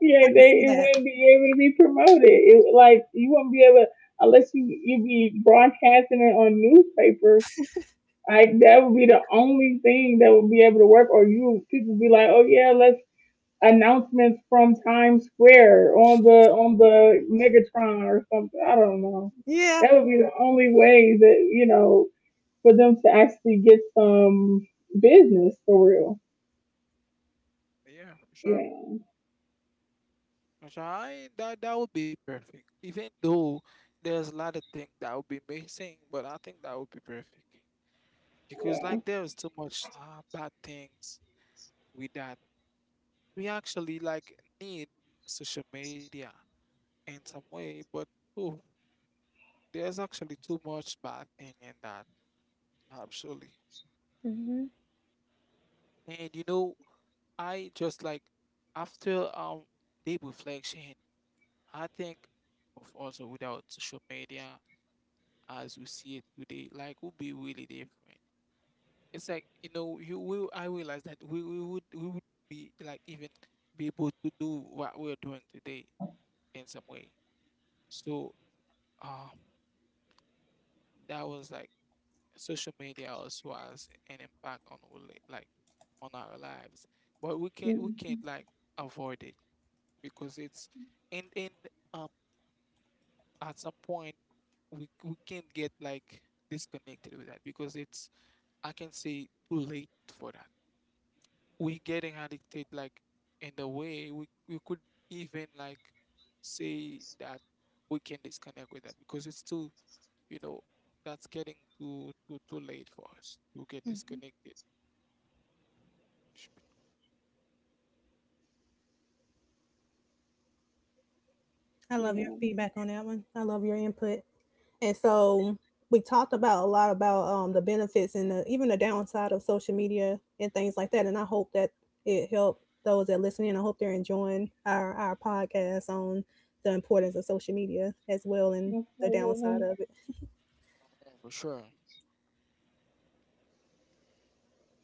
Speaker 3: yeah,
Speaker 2: I can see
Speaker 3: they it
Speaker 2: that.
Speaker 3: wouldn't be able to be promoted. It like you wouldn't be able unless you be broadcasting it on newspapers. Like that would be the only thing that would be able to work. Or you people be like, oh yeah, let's announcements from Times Square on the Megatron or something. I don't know.
Speaker 2: Yeah.
Speaker 3: That would be the only way that you know for them to actually get some business for real.
Speaker 1: yeah, for sure.
Speaker 3: Yeah,
Speaker 1: Which I that that would be perfect. Even though there's a lot of things that would be missing, but I think that would be perfect because
Speaker 3: yeah,
Speaker 1: like there's too much bad things with that. We actually like need social media in some way, but oh, there's actually too much bad thing in that. Absolutely,
Speaker 2: Hmm.
Speaker 1: and you know, I just like after deep reflection, I think of also without social media as we see it today, like would be really different. It's like, you know, you will I realize that we would we would be like even be able to do what we're doing today in some way. So um that was like social media also has an impact on our like on our lives. But we can't
Speaker 3: mm,
Speaker 1: like avoid it because it's and um at some point we can't get like disconnected with that because it's I can say too late for that. We getting addicted like in the way we could even like say that we can disconnect with that because it's too, you know, that's getting too late for us to get
Speaker 2: Hmm.
Speaker 1: disconnected. Sh-
Speaker 2: I love your
Speaker 3: yeah.
Speaker 2: feedback on that one. I love your input. And so we talked about a lot about the benefits and the, even the downside of social media and things like that. And I hope that it helped those that listen in. I hope they're enjoying our podcast on the importance of social media as well and the downside
Speaker 3: Absolutely.
Speaker 2: of it.
Speaker 1: For sure.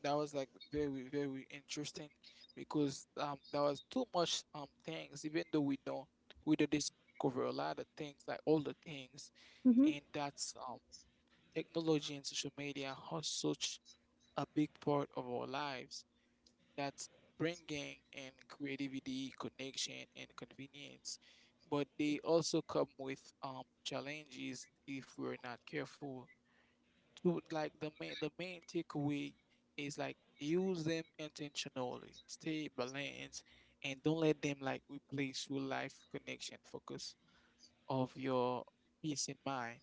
Speaker 1: That was like very interesting because there was too much things even though we know we did discover a lot of things, like all the things. And
Speaker 2: Hmm.
Speaker 1: that's technology and social media has such a big part of our lives. That's bringing in creativity, connection, and convenience. But they also come with challenges if we're not careful. To like the main takeaway is like use them intentionally, stay balanced, and don't let them like replace real life connection. Focus of your peace and mind.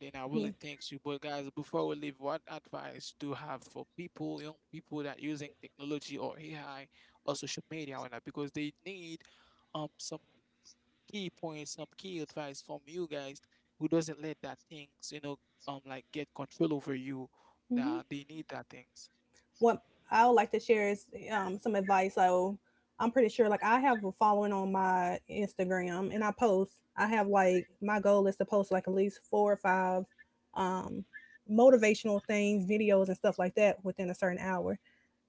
Speaker 1: Then I
Speaker 2: Yeah.
Speaker 1: really thank you. But guys, before we leave, what advice do you have for people, young people that using technology or AI or social media or not? Because they need some key points, some key advice from you guys who doesn't let that things, you know, like get control over you.
Speaker 2: Hmm.
Speaker 1: That they need that things.
Speaker 2: What I would like to share is some advice. So I'm pretty sure, like, I have a following on my Instagram, and I post. I have like my goal is to post like at least four or five um, motivational things, videos, and stuff like that within a certain hour.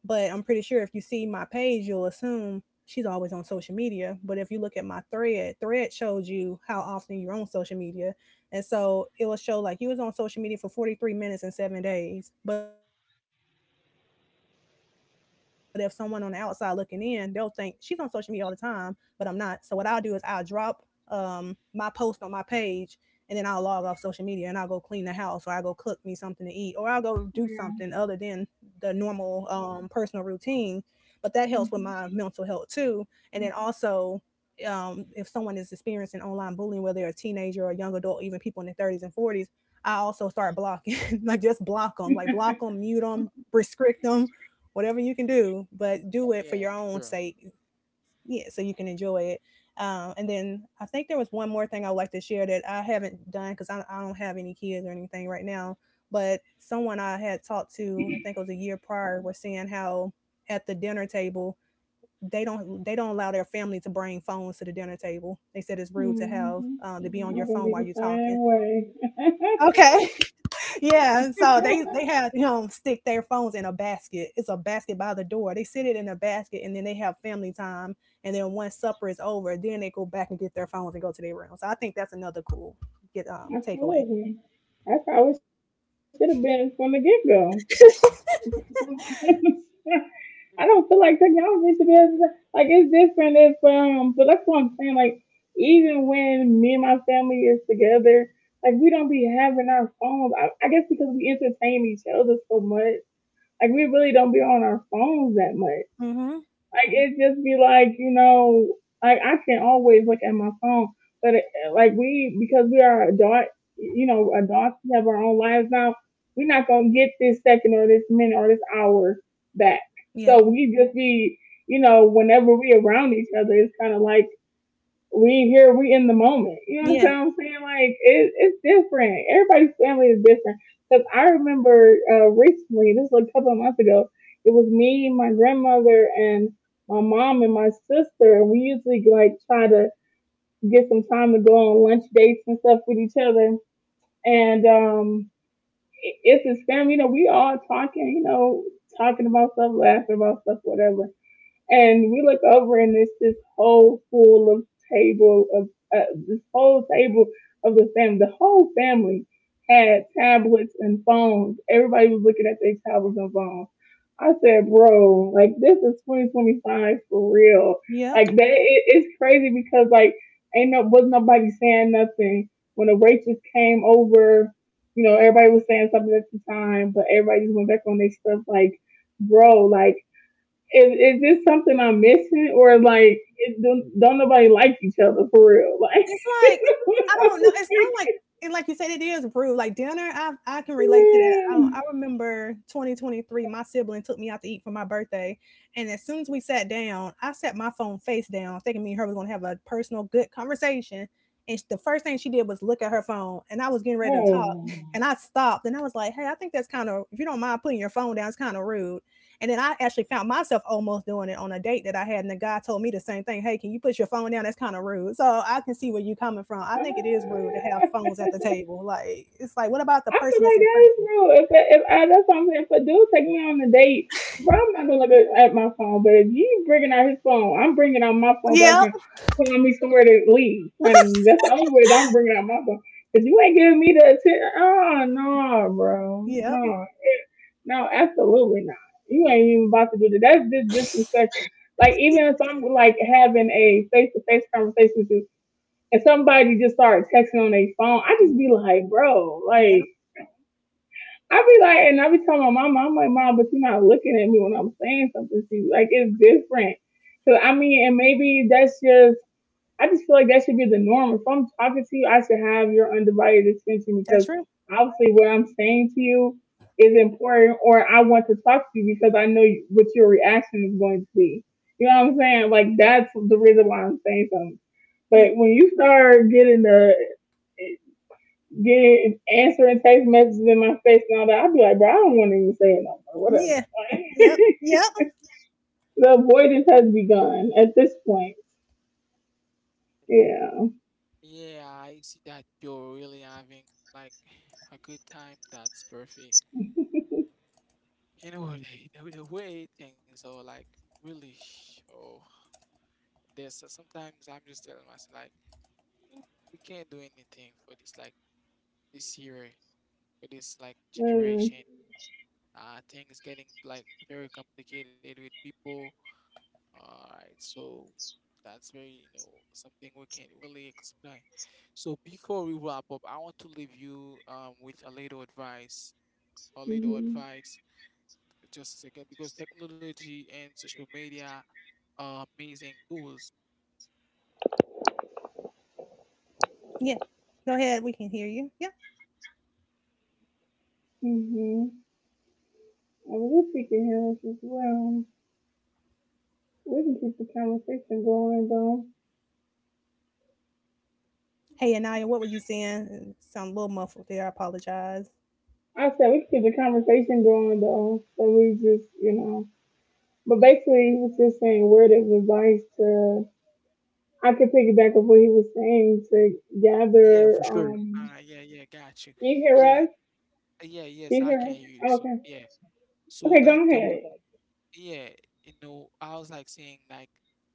Speaker 2: But I'm pretty sure if you see my page, you'll assume she's always on social media. But if you look at my thread, thread shows you how often you're on social media. And so it will show like you was on social media for 43 minutes and 7 days. But if someone on the outside looking in, they'll think she's on social media all the time, but I'm not. So what I'll do is I'll drop my post on my page and then I'll log off social media and I'll go clean the house or I'll go cook me something to eat or I'll go do something other than the
Speaker 3: Yeah.
Speaker 2: normal personal routine, but that helps with my mental health
Speaker 3: Mm-hmm.
Speaker 2: too. And then also, if someone is experiencing online bullying, whether they're a teenager or a young adult, even people in their 30s and 40s, I also start blocking, like just block them, like block them, mute them, restrict them, whatever you can do, but do it for
Speaker 1: Yeah,
Speaker 2: your
Speaker 1: for
Speaker 2: own
Speaker 1: sure.
Speaker 2: sake, yeah, so you can enjoy it. And then I think there was one more thing I'd like to share that I haven't done because I don't have any kids or anything right now. But someone I had talked to, I think it was a year prior, was saying how at the dinner table they don't allow their family to bring phones to the dinner table. They said it's rude to
Speaker 3: Mm-hmm.
Speaker 2: have
Speaker 3: Mm-hmm.
Speaker 2: to be on your
Speaker 3: I'm gonna
Speaker 2: phone
Speaker 3: be
Speaker 2: while you're
Speaker 3: the
Speaker 2: talking.
Speaker 3: same way.
Speaker 2: Okay, yeah, and so they had him stick their phones in a basket. It's a basket by the door. They sit it in a basket, and then they have family time. And then once supper is over, then they go back and get their phones and go to their room. So I think that's another cool get takeaway.
Speaker 3: Absolutely. I probably should have been from the get go. I don't feel like technology should be as, like it's different if but that's what I'm saying. Like even when me and my family is together, like we don't be having our phones. I guess because we entertain each other so much, like we really don't be on our phones that much.
Speaker 2: Mm-hmm.
Speaker 3: Like it just be like like I can always look at my phone, but it, like we because we are adult, you know, adults we have our own lives now. We're not gonna get this second or this minute or this hour back.
Speaker 2: Yeah.
Speaker 3: So we just be, you know, whenever we around each other, it's kind of like we here, we in the moment. You know what
Speaker 2: Yeah.
Speaker 3: I'm saying? Like it's different. Everybody's family is different. Cause I remember recently, this was a couple of months ago. It was me, my grandmother, and my mom and my sister. We usually like try to get some time to go on lunch dates and stuff with each other. And it's his family. You know, we all talking. You know, talking about stuff, laughing about stuff, whatever and we look over and it's this whole full of table of this whole table of the family. The whole family had tablets and phones. Everybody was looking at their tablets and phones. I said, bro, like this is 2025 for real. Like it's crazy because like ain't no was nobody saying nothing when the waitress came over. You know, everybody was saying something at the time, but everybody just went back on their stuff. Like, bro, like is this something I'm missing, or
Speaker 2: Yep.
Speaker 3: like it, don't nobody like each other for real? Like,
Speaker 2: It's like, I don't know. It's kind of like, and like you said, it is rude. Like dinner, I can relate to that.
Speaker 3: man,
Speaker 2: I remember 2023, my sibling took me out to eat for my birthday, and as soon as we sat down, I set my phone face down, thinking me and her was gonna have a personal, good conversation. And the first thing she did was look at her phone, and I was getting ready to talk, and
Speaker 3: oh.
Speaker 2: I stopped, and I was like, "Hey, I think that's kind of, if you don't mind putting your phone down, it's kind of rude." And then I actually found myself almost doing it on a date that I had, and the guy told me the same thing. Hey, can you put your phone down? That's kind of rude. So I can see where you're coming from. I think it is rude to have phones at the table. Like it's like, what about the
Speaker 3: I
Speaker 2: person
Speaker 3: feel
Speaker 2: that's
Speaker 3: like
Speaker 2: in
Speaker 3: that
Speaker 2: front of
Speaker 3: is
Speaker 2: you?
Speaker 3: real. If that's what I'm saying, if a dude take me on a date, bro, I'm not gonna look at my phone. But if you bringing out his phone, I'm bringing out my phone so I
Speaker 2: Yep,
Speaker 3: can find me somewhere to leave, honey. That's the only way that I'm bringing out my phone. Cause you ain't giving me the attention. Oh no, bro,
Speaker 2: yep,
Speaker 3: no. No, absolutely not. You ain't even about to do that. That's just disrespectful. Like even if I'm like having a face to face conversation with you and somebody just started texting on their phone, I just be like, bro, like
Speaker 2: yep.
Speaker 3: I be like and I be telling my mom, I'm like, mom, but you're not looking at me when I'm saying something to you. Like it's different. So I mean, and maybe that's just I just feel like that should be the norm. If I'm talking to you, I should have your undivided attention
Speaker 2: That's
Speaker 3: because
Speaker 2: true.
Speaker 3: obviously what I'm saying to you is important, or I want to talk to you because I know what your reaction is going to be. You know what I'm saying? Like that's the reason why I'm saying something.
Speaker 2: Yeah,
Speaker 3: But when you start getting the getting answering text messages in my face and all that, I'd be like, bro, I don't want to even say it no more. Whatever.
Speaker 2: yeah,
Speaker 3: Like,
Speaker 2: yep, yep,
Speaker 3: the avoidance has begun at this point. Yeah.
Speaker 1: Yeah, I see that you're really having like a good time. That's perfect. You know what? The way things are like really, oh, there's sometimes I'm just telling myself like, "Mm, we can't do anything for this like this year, for this like
Speaker 3: Mm-hmm.
Speaker 1: generation. Things getting like very complicated with people." All right, so that's very, you know, something we can't really explain. So before we wrap up, I want to leave you with a little advice. A little
Speaker 3: Mm-hmm.
Speaker 1: advice, just a second, because technology and social media, amazing tools.
Speaker 2: yeah. Go ahead, we can hear you. Yep.
Speaker 3: Mm-hmm. And we freaking humans as well. We can keep the conversation going though.
Speaker 2: Hey, Anaya, what were you saying? Sound a little muffled there. I apologize.
Speaker 3: I said we can keep the conversation going though. So we just, you know. But basically he was just saying word of advice to I could piggyback off what he was saying to
Speaker 1: Yeah,
Speaker 3: gather
Speaker 1: for sure. Ah, yeah, yeah, got you.
Speaker 3: can you hear
Speaker 1: Yeah,
Speaker 3: us?
Speaker 1: yeah,
Speaker 3: Can
Speaker 1: yes,
Speaker 3: you
Speaker 1: I
Speaker 3: hear
Speaker 1: can
Speaker 3: us?
Speaker 1: hear you
Speaker 3: Oh,
Speaker 1: too.
Speaker 3: okay.
Speaker 1: Yeah. So
Speaker 3: Okay, go
Speaker 1: like there was,
Speaker 3: ahead.
Speaker 1: yeah, you know, I was like saying like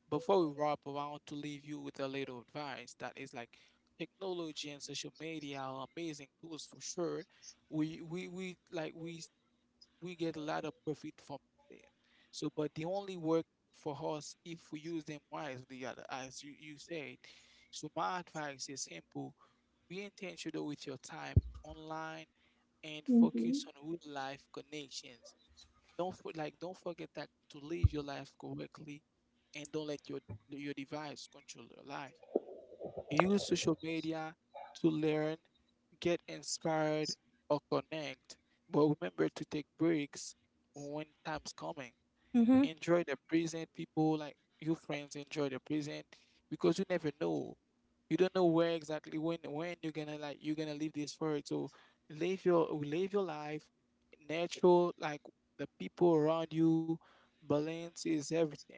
Speaker 1: before we wrap up, I want to leave you with a little advice that is like technology and social media are amazing tools for sure. We like we get a lot of profit from them. So, but they only work for us if we use them wisely, as you said. So, my advice is simple: be intentional with your time online and focus
Speaker 3: Mm-hmm.
Speaker 1: on real life connections. Don't for, like don't forget that to live your life correctly and don't let your device control your life. Use social media to learn, get inspired, or connect. But remember to take breaks when time's coming,
Speaker 2: Mm-hmm.
Speaker 1: enjoy the present people like your friends, enjoy the present because you never know, you don't know where exactly when you're gonna like you're gonna leave this world. So live your life natural like the people around you. Balance is everything.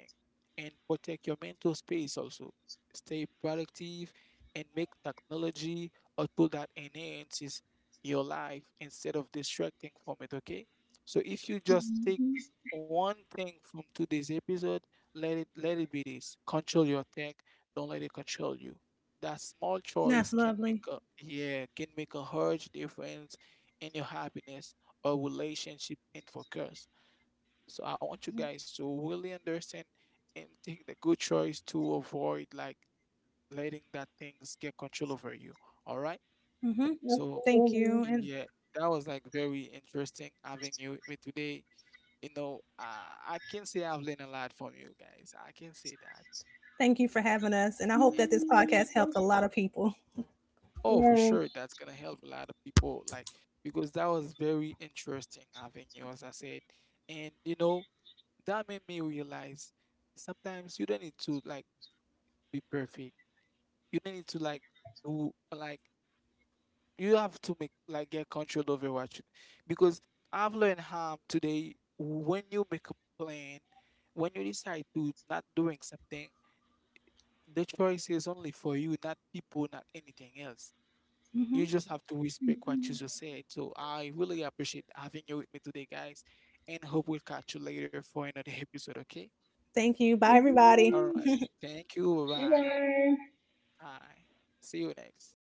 Speaker 1: And protect your mental space also, stay productive, and make technology a tool that enhances your life instead of distracting from it. Okay, so if you just take one thing from today's episode, let it be this: control your tech, don't let it control you. That small
Speaker 2: That's
Speaker 1: choice
Speaker 2: lovely.
Speaker 1: can make a, yeah, can make a huge difference in your happiness or relationship and focus. So
Speaker 2: Mm-hmm.
Speaker 1: I want you guys to really understand and take the good choice to avoid like letting that things get control over you. All right.
Speaker 2: Mm-hmm. Thank
Speaker 3: That's
Speaker 1: So,
Speaker 2: you, and
Speaker 3: over.
Speaker 1: yeah, that was like very interesting having you with me today. You know, I can say I've learned a lot from you guys. I can say that.
Speaker 2: thank you for having us. And I hope
Speaker 1: Yeah.
Speaker 2: that this
Speaker 1: And, uh,
Speaker 2: podcast helped a lot of people.
Speaker 1: oh, for
Speaker 3: Yeah.
Speaker 1: sure, that's gonna help a lot of people. Like because that was very interesting having you, as I said. And you know, that made me realize sometimes you don't need to like be perfect. You don't need to like do like you have to make like get control over what you, because I've learned how today when you make a plan, when you decide to not doing something, the choice is only for you, not people, not anything else. You
Speaker 2: Hmm.
Speaker 1: just have to respect what
Speaker 3: Mhm.
Speaker 1: you just said. So I really appreciate having you with me today, guys, and hope we'll catch you later for another episode, okay?
Speaker 2: Thank you. Bye, everybody.
Speaker 1: All right.
Speaker 3: Yeah.
Speaker 1: Thank you. Bye
Speaker 3: Bye
Speaker 1: bye.
Speaker 3: bye.
Speaker 1: Bye. See you next.